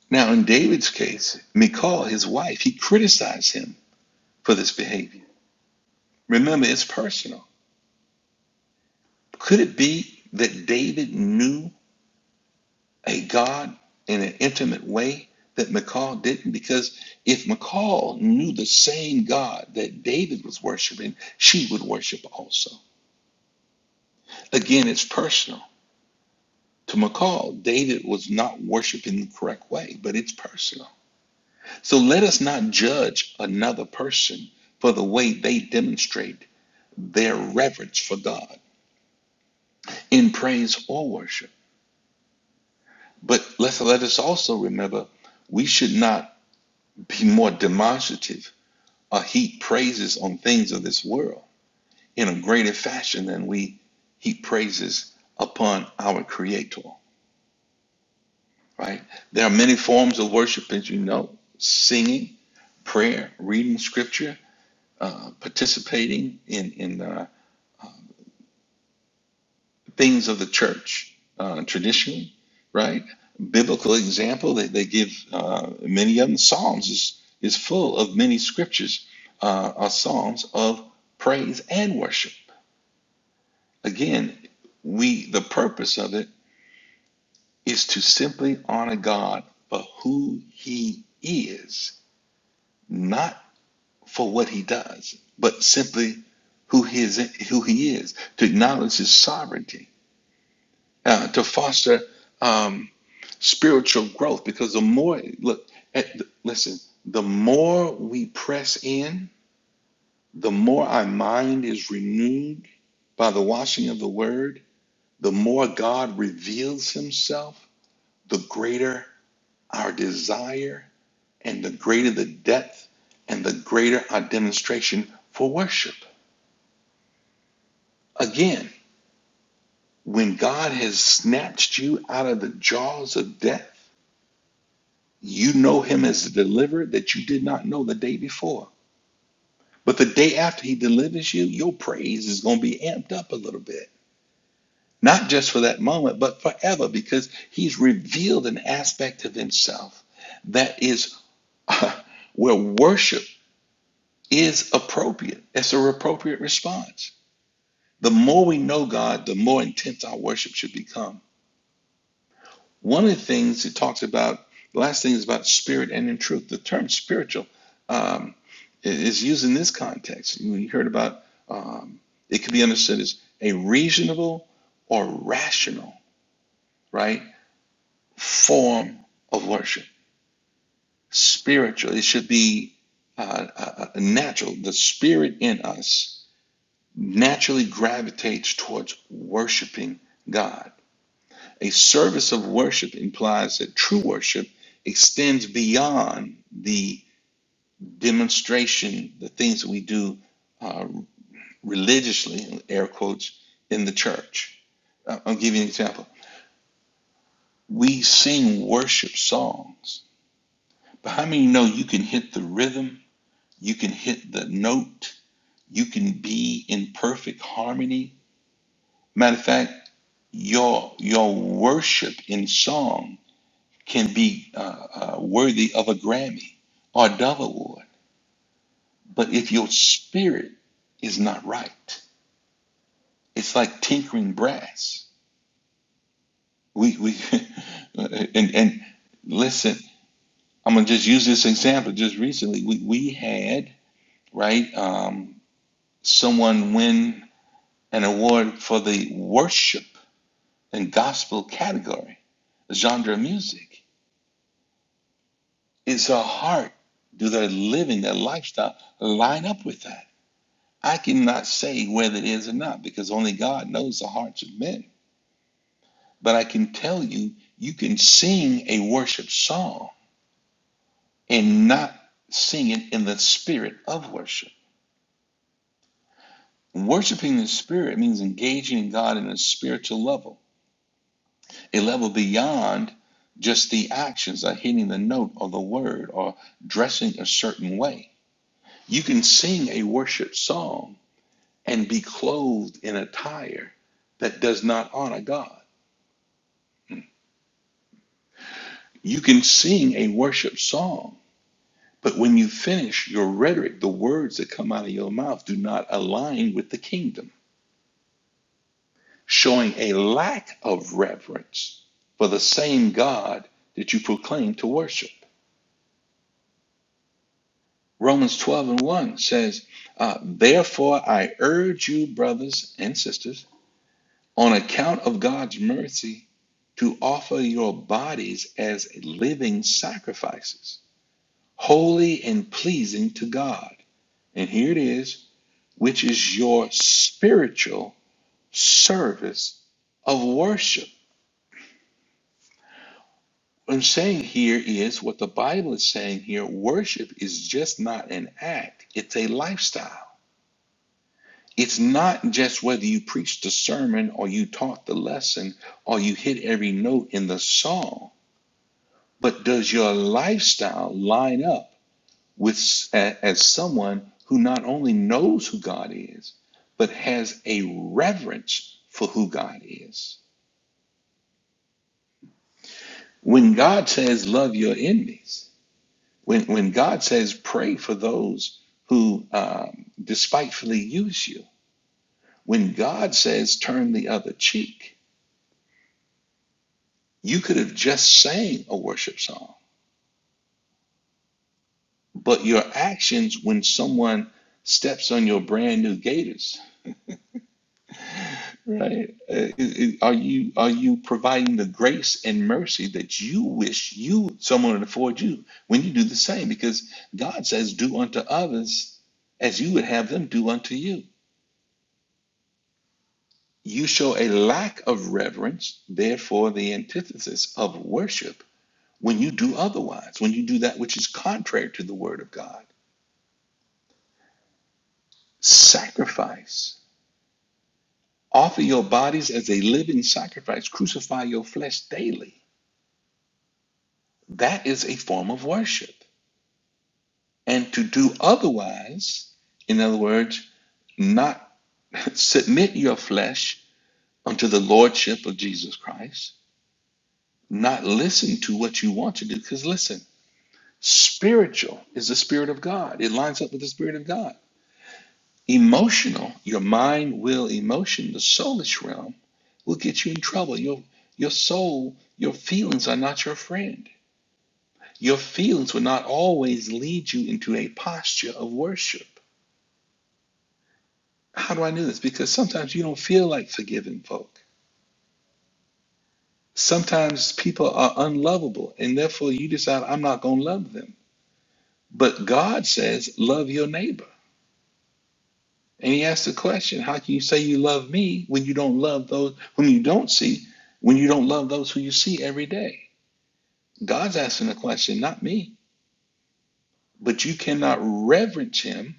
Now, in David's case, Michal, his wife, he criticized him for this behavior. Remember, it's personal. Could it be that David knew a God in an intimate way that Michal didn't? Because if Michal knew the same God that David was worshiping, she would worship also. Again, it's personal. To McCall, David was not worshiping the correct way, but it's personal. So let us not judge another person for the way they demonstrate their reverence for God in praise or worship. But let's, let us also remember we should not be more demonstrative or heap praises on things of this world in a greater fashion than we heap praises upon our Creator. right? There are many forms of worship, as you know singing, prayer, reading scripture, uh, participating in, in uh, things of the church uh, traditionally, right? Biblical example, they, they give uh, many of them. Psalms is, is full of many scriptures, uh, are psalms of praise and worship. Again, we the purpose of it is to simply honor God for who He is, not. for what he does, but simply who he is, who he is, to acknowledge his sovereignty, uh, to foster um, spiritual growth. Because the more, look, at, listen, the more we press in, the more our mind is renewed by the washing of the word, the more God reveals himself, the greater our desire, and the greater the depth, and the greater our demonstration for worship. Again, When God has snatched you out of the jaws of death, you know him as the deliverer that you did not know the day before. But the day after he delivers you, your praise is going to be amped up a little bit. Not just for that moment, but forever, because he's revealed an aspect of himself that is uh, where worship is appropriate. It's an appropriate response. The more we know God, the more intense our worship should become One of the things it talks about, the last thing is about spirit and in truth. The term spiritual um, is used in this context. You heard about um, it could be understood as a reasonable or rational, right, form of worship. Spiritual, it should be uh, uh, uh, natural. The spirit in us naturally gravitates towards worshiping God A service of worship implies that true worship extends beyond the demonstration, the things that we do uh, religiously, air quotes, in the church. I- I'll give you an example. We sing worship songs, but how many know you can hit the rhythm, you can hit the note, you can be in perfect harmony? Matter of fact, your your worship in song can be uh, uh, worthy of a Grammy or a Dove Award. But if your spirit is not right, it's like tinkering brass. We, we and, and listen, I'm going to just use this example. Just recently, we, we had, right, um, someone win an award for the worship and gospel category, a genre of music. Is her heart, do their living, their lifestyle line up with that? I cannot say whether it is or not because only God knows the hearts of men. But I can tell you, you can sing a worship song and not sing it in the spirit of worship. Worshiping the spirit means engaging in God in a spiritual level, a level beyond just the actions of hitting the note or the word or dressing a certain way. You can sing a worship song and be clothed in attire that does not honor God. You can sing a worship song, but when you finish, your rhetoric, the words that come out of your mouth, do not align with the kingdom, showing a lack of reverence for the same God that you proclaim to worship. Romans 12 and 1 says, uh, Therefore I urge you, brothers and sisters, on account of God's mercy, to offer your bodies as living sacrifices, holy and pleasing to God. And here it is which is your spiritual service of worship. What I'm saying here is what the Bible is saying here worship is just not an act, it's a lifestyle. It's not just whether you preached the sermon or you taught the lesson or you hit every note in the song, but does your lifestyle line up with as someone who not only knows who God is, but has a reverence for who God is? When God says love your enemies, when, when God says pray for those who um, despitefully use you, when God says turn the other cheek, you could have just sang a worship song, but your actions when someone steps on your brand new gaiters Right. Uh, it- it- Are you are you providing the grace and mercy that you wish you someone would afford you when you do the same? Because God says, "Do unto others as you would have them do unto you." You show a lack of reverence, therefore the antithesis of worship when you do otherwise, when you do that which is contrary to the word of God. Sacrifice. Offer your bodies as a living sacrifice. Crucify your flesh daily. That is a form of worship. And to do otherwise, in other words, not submit your flesh unto the lordship of Jesus Christ, not listen to what you want to do. Because listen, spiritual is the Spirit of God, it lines up with the Spirit of God. Emotional, your mind, will, emotion, the soulish realm will get you in trouble. Your, your soul, your feelings are not your friend. Your feelings will not always lead you into a posture of worship How do I know this? Because sometimes you don't feel like forgiving folk. Sometimes people are unlovable, and therefore you decide, I'm not going to love them. But God says, love your neighbor. And he asks the question, how can you say you love me when you don't love those, when you don't see, when you don't love those who you see every day? God's asking the question, not me. But you cannot reverence him,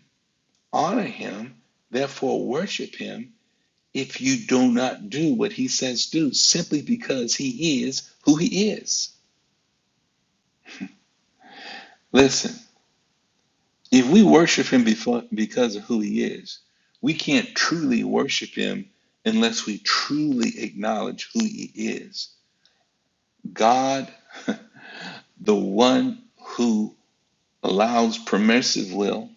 honor him, therefore worship him if you do not do what he says do, simply because he is who he is. Listen, if we worship him before, because of who he is, we can't truly worship him unless we truly acknowledge who he is. God, the one who allows permissive will,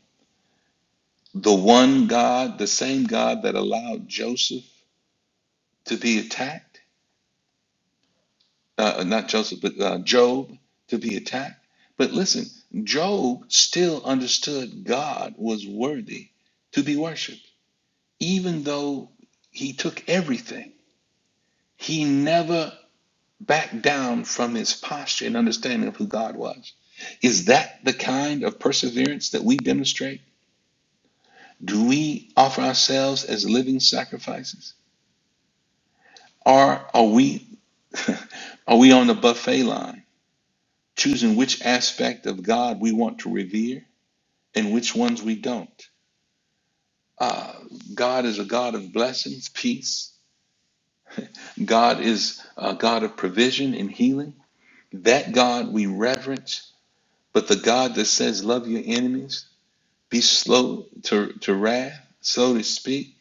the one God, the same God that allowed Joseph to be attacked, uh, not Joseph, but uh, Job to be attacked. But listen, Job still understood God was worthy to be worshiped. even though he took everything, he never backed down from his posture and understanding of who God was. Is that the kind of perseverance that we demonstrate? Do we offer ourselves as living sacrifices? Or are we are we on the buffet line, choosing which aspect of God we want to revere and which ones we don't? Uh, God is a God of blessings, peace. God is a God of provision and healing. That God we reverence, but the God that says, Love your enemies, be slow to, to wrath, slow to speak,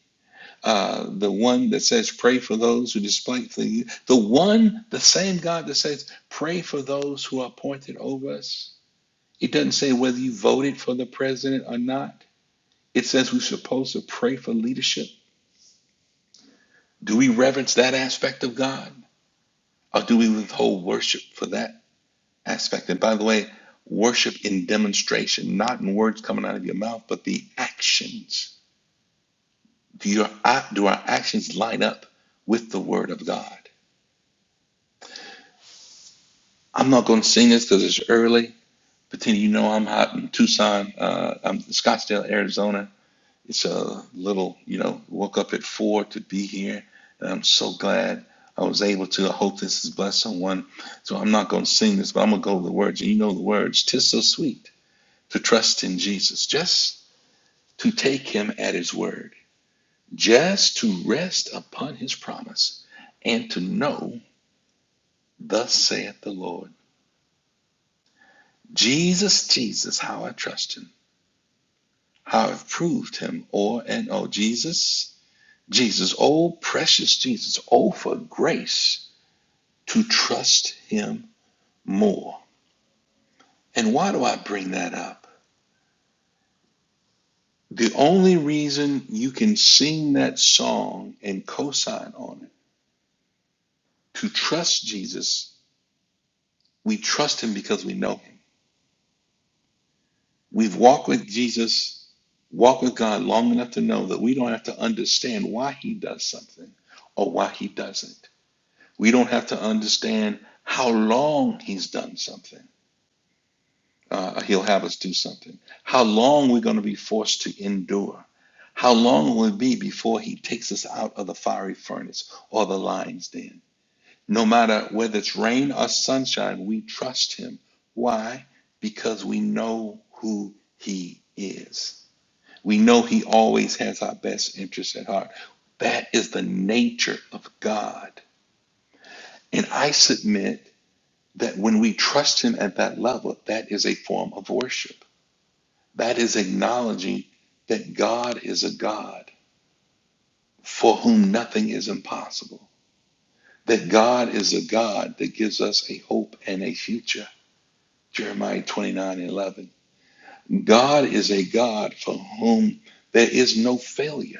uh, the one that says, Pray for those who despitefully you, the one, the same God that says, Pray for those who are appointed over us. It doesn't say whether you voted for the president or not, it says we're supposed to pray for leadership. Do we reverence that aspect of God, or do we withhold worship for that? aspect. And by the way, worship in demonstration, not in words coming out of your mouth, but the actions. Do, your, do our actions line up with the Word of God? I'm not going to sing this because it's early. But then you know I'm hot in Tucson, uh, I'm in Scottsdale, Arizona. It's a little, you know, woke up at four to be here, and I'm so glad I was able to. I hope this has blessed someone. So I'm not going to sing this, but I'm going to go to the words, and you know the words. Tis so sweet to trust in Jesus, just to take him at his word, just to rest upon his promise and to know, thus saith the Lord. Jesus, Jesus, how I trust him, how I've proved him o'er and o'er. Jesus, Jesus, oh precious Jesus, oh for grace to trust him more. And why do I bring that up? The only reason you can sing that song and co sign on it, to trust Jesus, we trust him because we know him. We've walked with Jesus, walked with God long enough to know that we don't have to understand why he does something or why he doesn't. We don't have to understand how long he's done something. Uh, he'll have us do something. How long we're going to be forced to endure. How long will it be before he takes us out of the fiery furnace or the lion's den? No matter whether it's rain or sunshine, we trust him. Why? Because we know who he is. We know He always has our best interests at heart. That is the nature of God. And I submit that when we trust Him at that level, that is a form of worship. That is acknowledging that God is a God for whom nothing is impossible, that God is a God that gives us a hope and a future. Jeremiah 29 and 11. God is a God for whom there is no failure.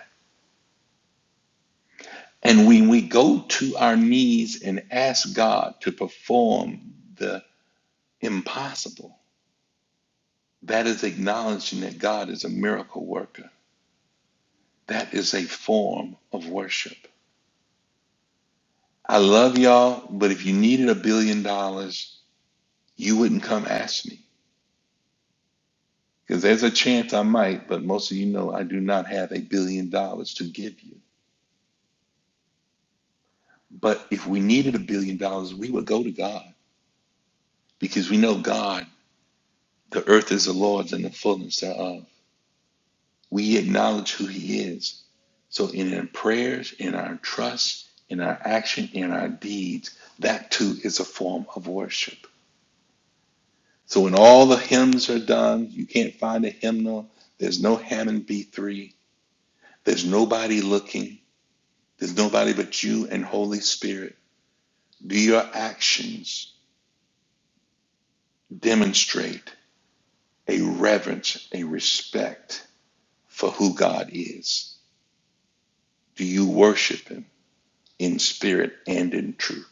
And when we go to our knees and ask God to perform the impossible, that is acknowledging that God is a miracle worker. That is a form of worship. I love y'all, but if you needed a billion dollars, you wouldn't come ask me. Because there's a chance I might, but most of you know I do not have a billion dollars to give you. But if we needed a billion dollars, we would go to God because we know God, the earth is the Lord's and the fullness thereof. we acknowledge who he is. So in our prayers, in our trust, in our action, in our deeds, that too is a form of worship. So when all the hymns are done, you can't find a hymnal. There's no Hammond B3. There's nobody looking. There's nobody but you and Holy Spirit. Do your actions demonstrate a reverence, a respect for who God is? Do you worship him in spirit and in truth?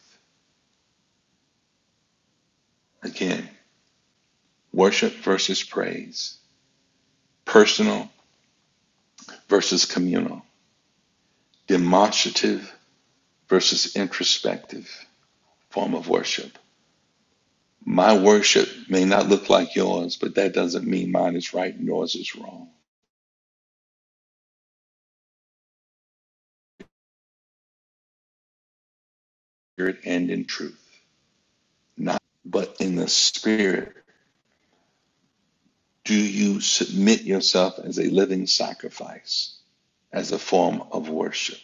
Again, Worship versus praise. Personal versus communal. Demonstrative versus introspective form of worship. My worship may not look like yours, but that doesn't mean mine is right and yours is wrong. Spirit and in truth, not but in the spirit. Do you submit yourself as a living sacrifice, as a form of worship?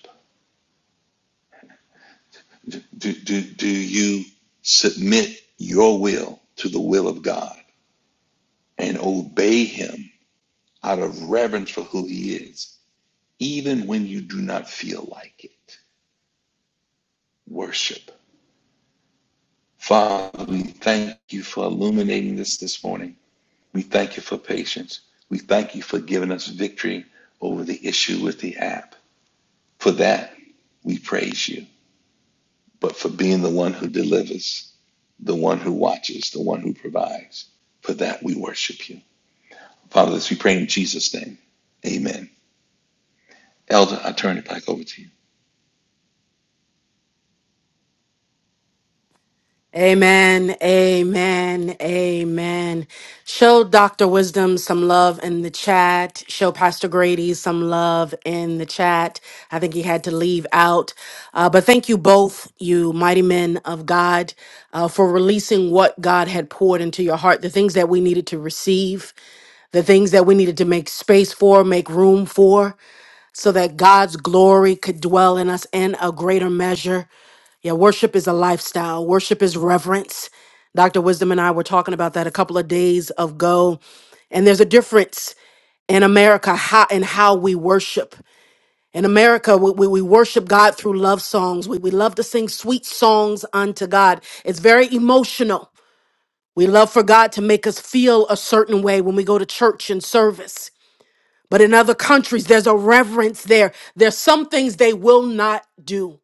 Do, do, do you submit your will to the will of God and obey Him out of reverence for who he is, even when you do not feel like it. Worship. Father, we thank you for illuminating this this morning. We thank you for patience. We thank you for giving us victory over the issue with the app. For that, we praise you. But for being the one who delivers, the one who watches, the one who provides, for that we worship you. Father, this we pray in Jesus' name. Amen. Elder, I turn it back over to you. Amen. Amen. Amen. Show Dr. Wisdom some love in the chat. Show Pastor Grady some love in the chat. I think he had to leave out. Uh, but thank you both, you mighty men of God, uh, for releasing what God had poured into your heart, the things that we needed to receive the things that we needed to make space for, make room for so that God's glory could dwell in us in a greater measure. Yeah, worship is a lifestyle, worship is reverence. Dr. Wisdom and I were talking about that a couple of days ago. And there's a difference in America how in how we worship. In America, we, we, we worship God through love songs. We, we love to sing sweet songs unto God. It's very emotional. We love for God to make us feel a certain way when we go to church and service. But in other countries, there's a reverence there. There's some things they will not do,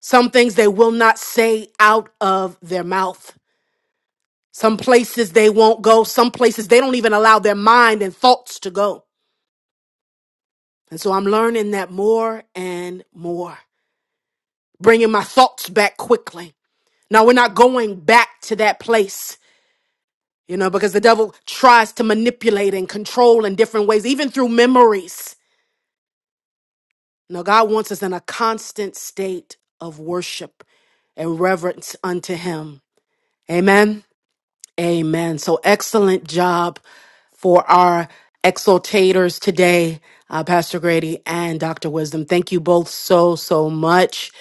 some things they will not say out of their mouth. Some places they won't go, some places they don't even allow their mind and thoughts to go. And so I'm learning that more and more, bringing my thoughts back quickly. Now we're not going back to that place, you know, because the devil tries to manipulate and control in different ways, even through memories Now, God wants us in a constant state of worship and reverence unto Him. Amen. Amen. So excellent job for our exultators today, uh, Pastor Grady and Dr. Wisdom. Thank you both so, so much.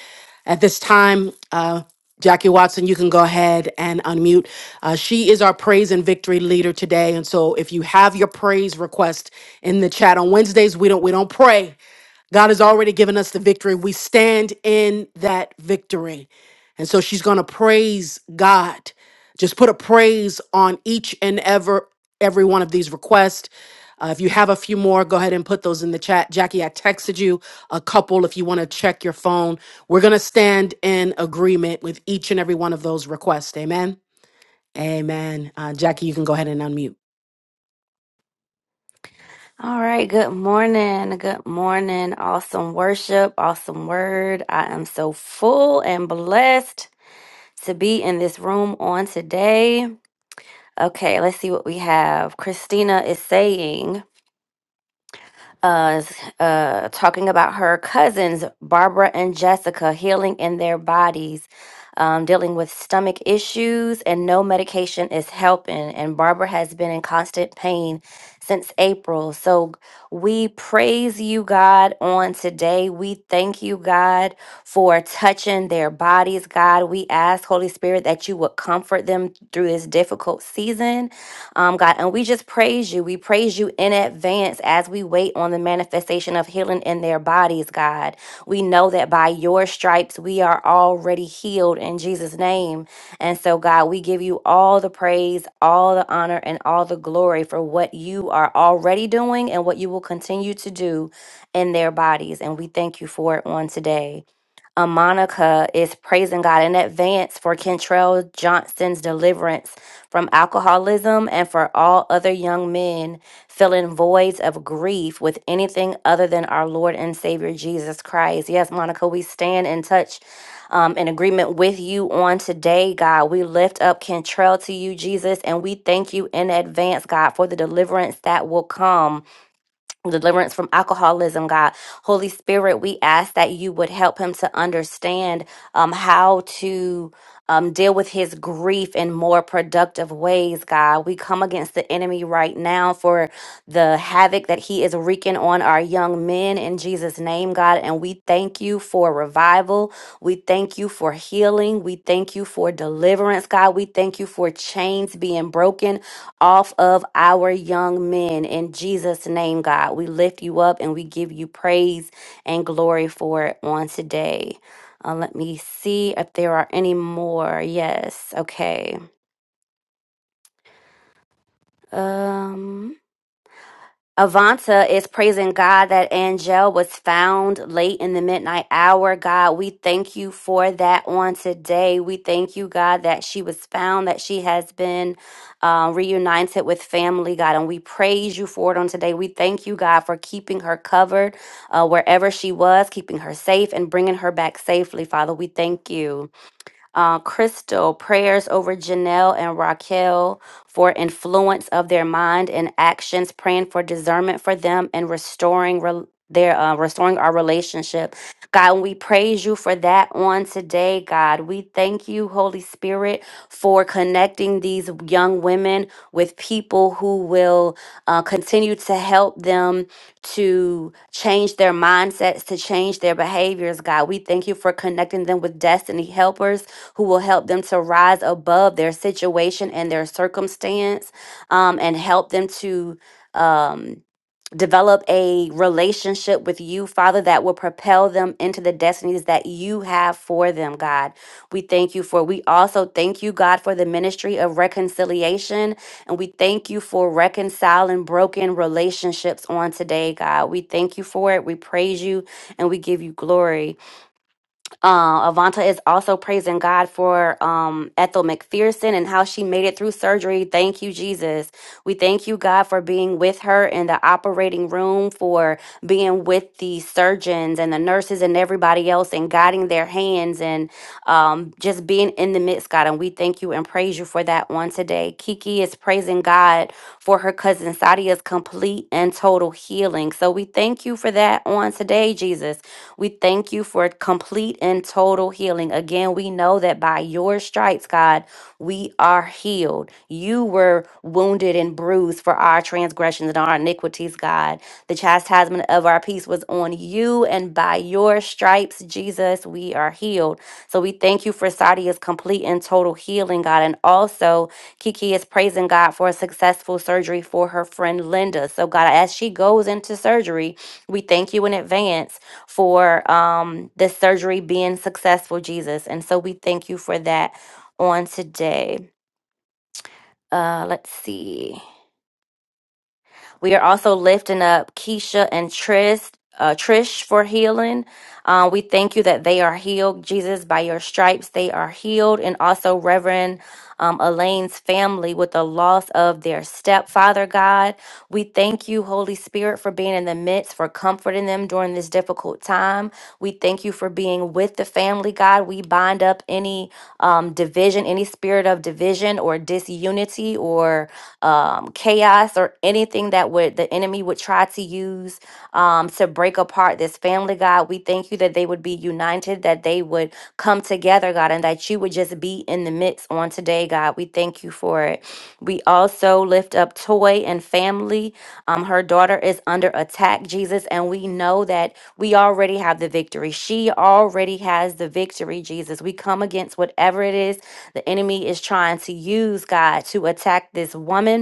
At this time, uh, Jackie Watson, you can go ahead and unmute. Uh, she is our praise and victory leader today, and so if you have your praise request in the chat on Wednesdays, we don't we don't pray. God has already given us the victory. We stand in that victory, and so she's going to praise God just put a praise on each and ever every one of these requests. Uh, if you have a few more, go ahead and put those in the chat. Jackie, I texted you a couple if you want to check your phone. We're going to stand in agreement with each and every one of those requests. Amen. Amen. Uh, Jackie, you can go ahead and unmute. All right, good morning. Good morning. Awesome worship, awesome word. I am so full and blessed to be in this room on today. Okay, let's see what we have. Christina is saying uh, s- uh, talking about her cousins, Barbara and Jessica, healing in their bodies, um, dealing with stomach issues, and no medication is helping. And Barbara has been in constant pain since April. So we praise you, God, on today. We thank you, God, for touching their bodies, God. We ask, Holy Spirit, that you would comfort them through this difficult season um, God. And we just praise you. We praise you in advance as we wait on the manifestation of healing in their bodies, God. We know that by your stripes, we are already healed in Jesus' name. And so, God, we give you all the praise, all the honor, and all the glory for what you are already doing and what you will continue to do in their bodies. And we thank you for it on today. Uh, Monica is praising God in advance for Kentrell Johnson's deliverance from alcoholism and for all other young men filling voids of grief with anything other than our Lord and Savior Jesus Christ. Yes, Monica, we stand in touch um, in agreement with you on today, God. We lift up Kentrell to you, Jesus, and we thank you in advance, God, for the deliverance that will come deliverance from alcoholism, God. Holy Spirit, we ask that you would help him to understand um, how to. Um, deal with his grief in more productive ways, God. We come against the enemy right now for the havoc that he is wreaking on our young men in Jesus' name, God. And we thank you for revival. We thank you for healing. We thank you for deliverance, God. We thank you for chains being broken off of our young men. In Jesus' name, God, we lift you up and we give you praise and glory for it on today. Uh, let me see if there are any more. Yes. Okay. Um. Avanta is praising God that Angel was found late in the midnight hour. God, we thank you for that on today. We thank you, God, that she was found, that she has been uh, reunited with family, God, and we praise you for it on today. We thank you, God, for keeping her covered uh, wherever she was, keeping her safe and bringing her back safely, Father. We thank you uh, Crystal, prayers over Janelle and Raquel for influence of their mind and actions, praying for discernment for them and restoring rel their uh, restoring our relationship. God, we praise you for that on today, God. We thank you, Holy Spirit, for connecting these young women with people who will uh, continue to help them to change their mindsets, to change their behaviors, God. We thank you for connecting them with destiny helpers who will help them to rise above their situation and their circumstance um, and help them to. Um, develop a relationship with you, Father, that will propel them into the destinies that you have for them, God. We thank you for, we also thank you, God, for the ministry of reconciliation. And we thank you for reconciling broken relationships on today, God. We thank you for it. We praise you and we give you glory. Uh, Avanta is also praising God for um, Ethel McPherson and how she made it through surgery. Thank you, Jesus. We thank you, God, for being with her in the operating room, for being with the surgeons and the nurses and everybody else and guiding their hands and um, just being in the midst, God. And we thank you and praise you for that one today. Kiki is praising God for her cousin Sadia's complete and total healing. So we thank you for that on today, Jesus. We thank you for complete and total healing. Again, we know that by your stripes, God, we are healed. You were wounded and bruised for our transgressions and our iniquities, God. The chastisement of our peace was on you, and by your stripes, Jesus, we are healed. So we thank you for Sadia's complete and total healing, God. And also, Kiki is praising God for a successful surgery for her friend Linda. So, God, as she goes into surgery, we thank you in advance for um, this surgery being successful, Jesus. And so we thank you for that on today. Uh, let's see. We are also lifting up Keisha and Tris, uh, Trish for healing. Uh, we thank you that they are healed, Jesus, by your stripes. They are healed. And also, Reverend um, Elaine's family with the loss of their stepfather, God. We thank you, Holy Spirit, for being in the midst, for comforting them during this difficult time. We thank you for being with the family, God. We bind up any um, division, any spirit of division or disunity or um, chaos or anything that would the enemy would try to use um, to break apart this family, God. We thank you that they would be united, that they would come together, God, and that you would just be in the midst on today, God. We thank you for it. We also lift up Toy and family. Um, her daughter is under attack, Jesus, and we know that we already have the victory. She already has the victory, Jesus. We come against whatever it is the enemy is trying to use God to attack this woman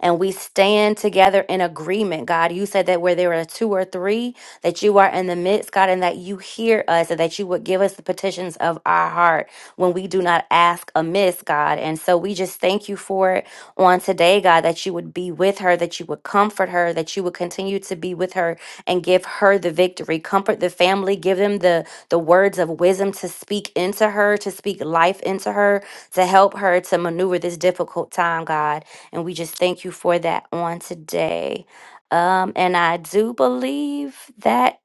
and we stand together in agreement, God. You said that where there are two or three, that you are in the midst, God, and that you hear us and that you would give us the petitions of our heart when we do not ask amiss, God. And so we just thank you for it on today, God, that you would be with her, that you would comfort her, that you would continue to be with her and give her the victory. Comfort the family, give them the the words of wisdom to speak into her, to speak life into her, to help her to maneuver this difficult time, God. And we just thank you for that on today. Um, and I do believe that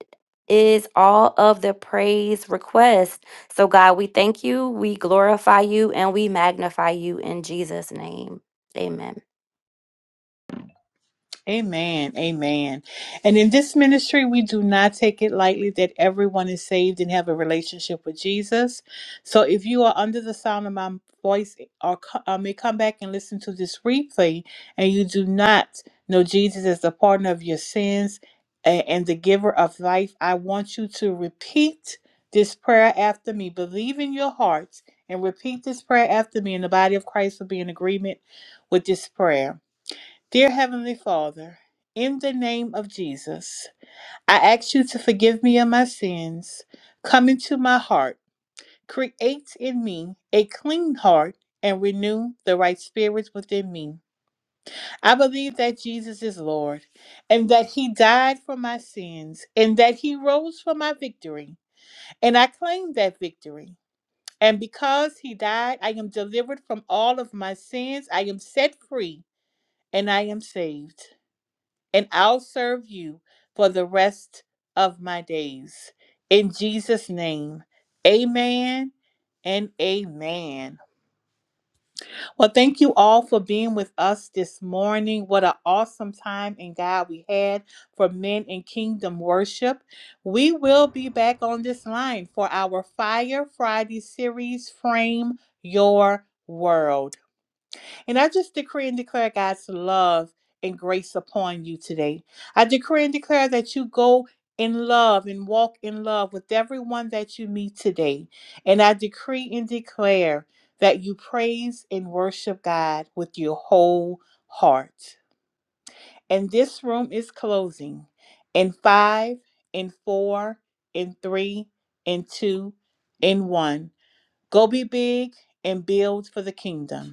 is all of the praise requests. So, God, we thank you, we glorify you, and we magnify you in Jesus' name. Amen. Amen. Amen. And in this ministry, we do not take it lightly that everyone is saved and have a relationship with Jesus. So if you are under the sound of my voice or co- uh, may come back and listen to this replay and you do not know Jesus as the partner of your sins and, and the giver of life, I want you to repeat this prayer after me. Believe in your heart and repeat this prayer after me, and the body of Christ will be in agreement with this prayer. Dear Heavenly Father, in the name of Jesus, I ask you to forgive me of my sins. Come into my heart. Create in me a clean heart and renew the right spirits within me. I believe that Jesus is Lord and that he died for my sins and that he rose for my victory. And I claim that victory. And because he died, I am delivered from all of my sins. I am set free and I am saved. and I'll serve you for the rest of my days. In Jesus' name, amen and amen. Well, thank you all for being with us this morning. What an awesome time in God we had for men in kingdom worship. We will be back on this line for our Fire Friday series, Frame Your World. And I just decree and declare God's love and grace upon you today. I decree and declare that you go in love and walk in love with everyone that you meet today. And I decree and declare that you praise and worship God with your whole heart. And this room is closing in five, in four, in three, in two, in one. Go be big and build for the kingdom.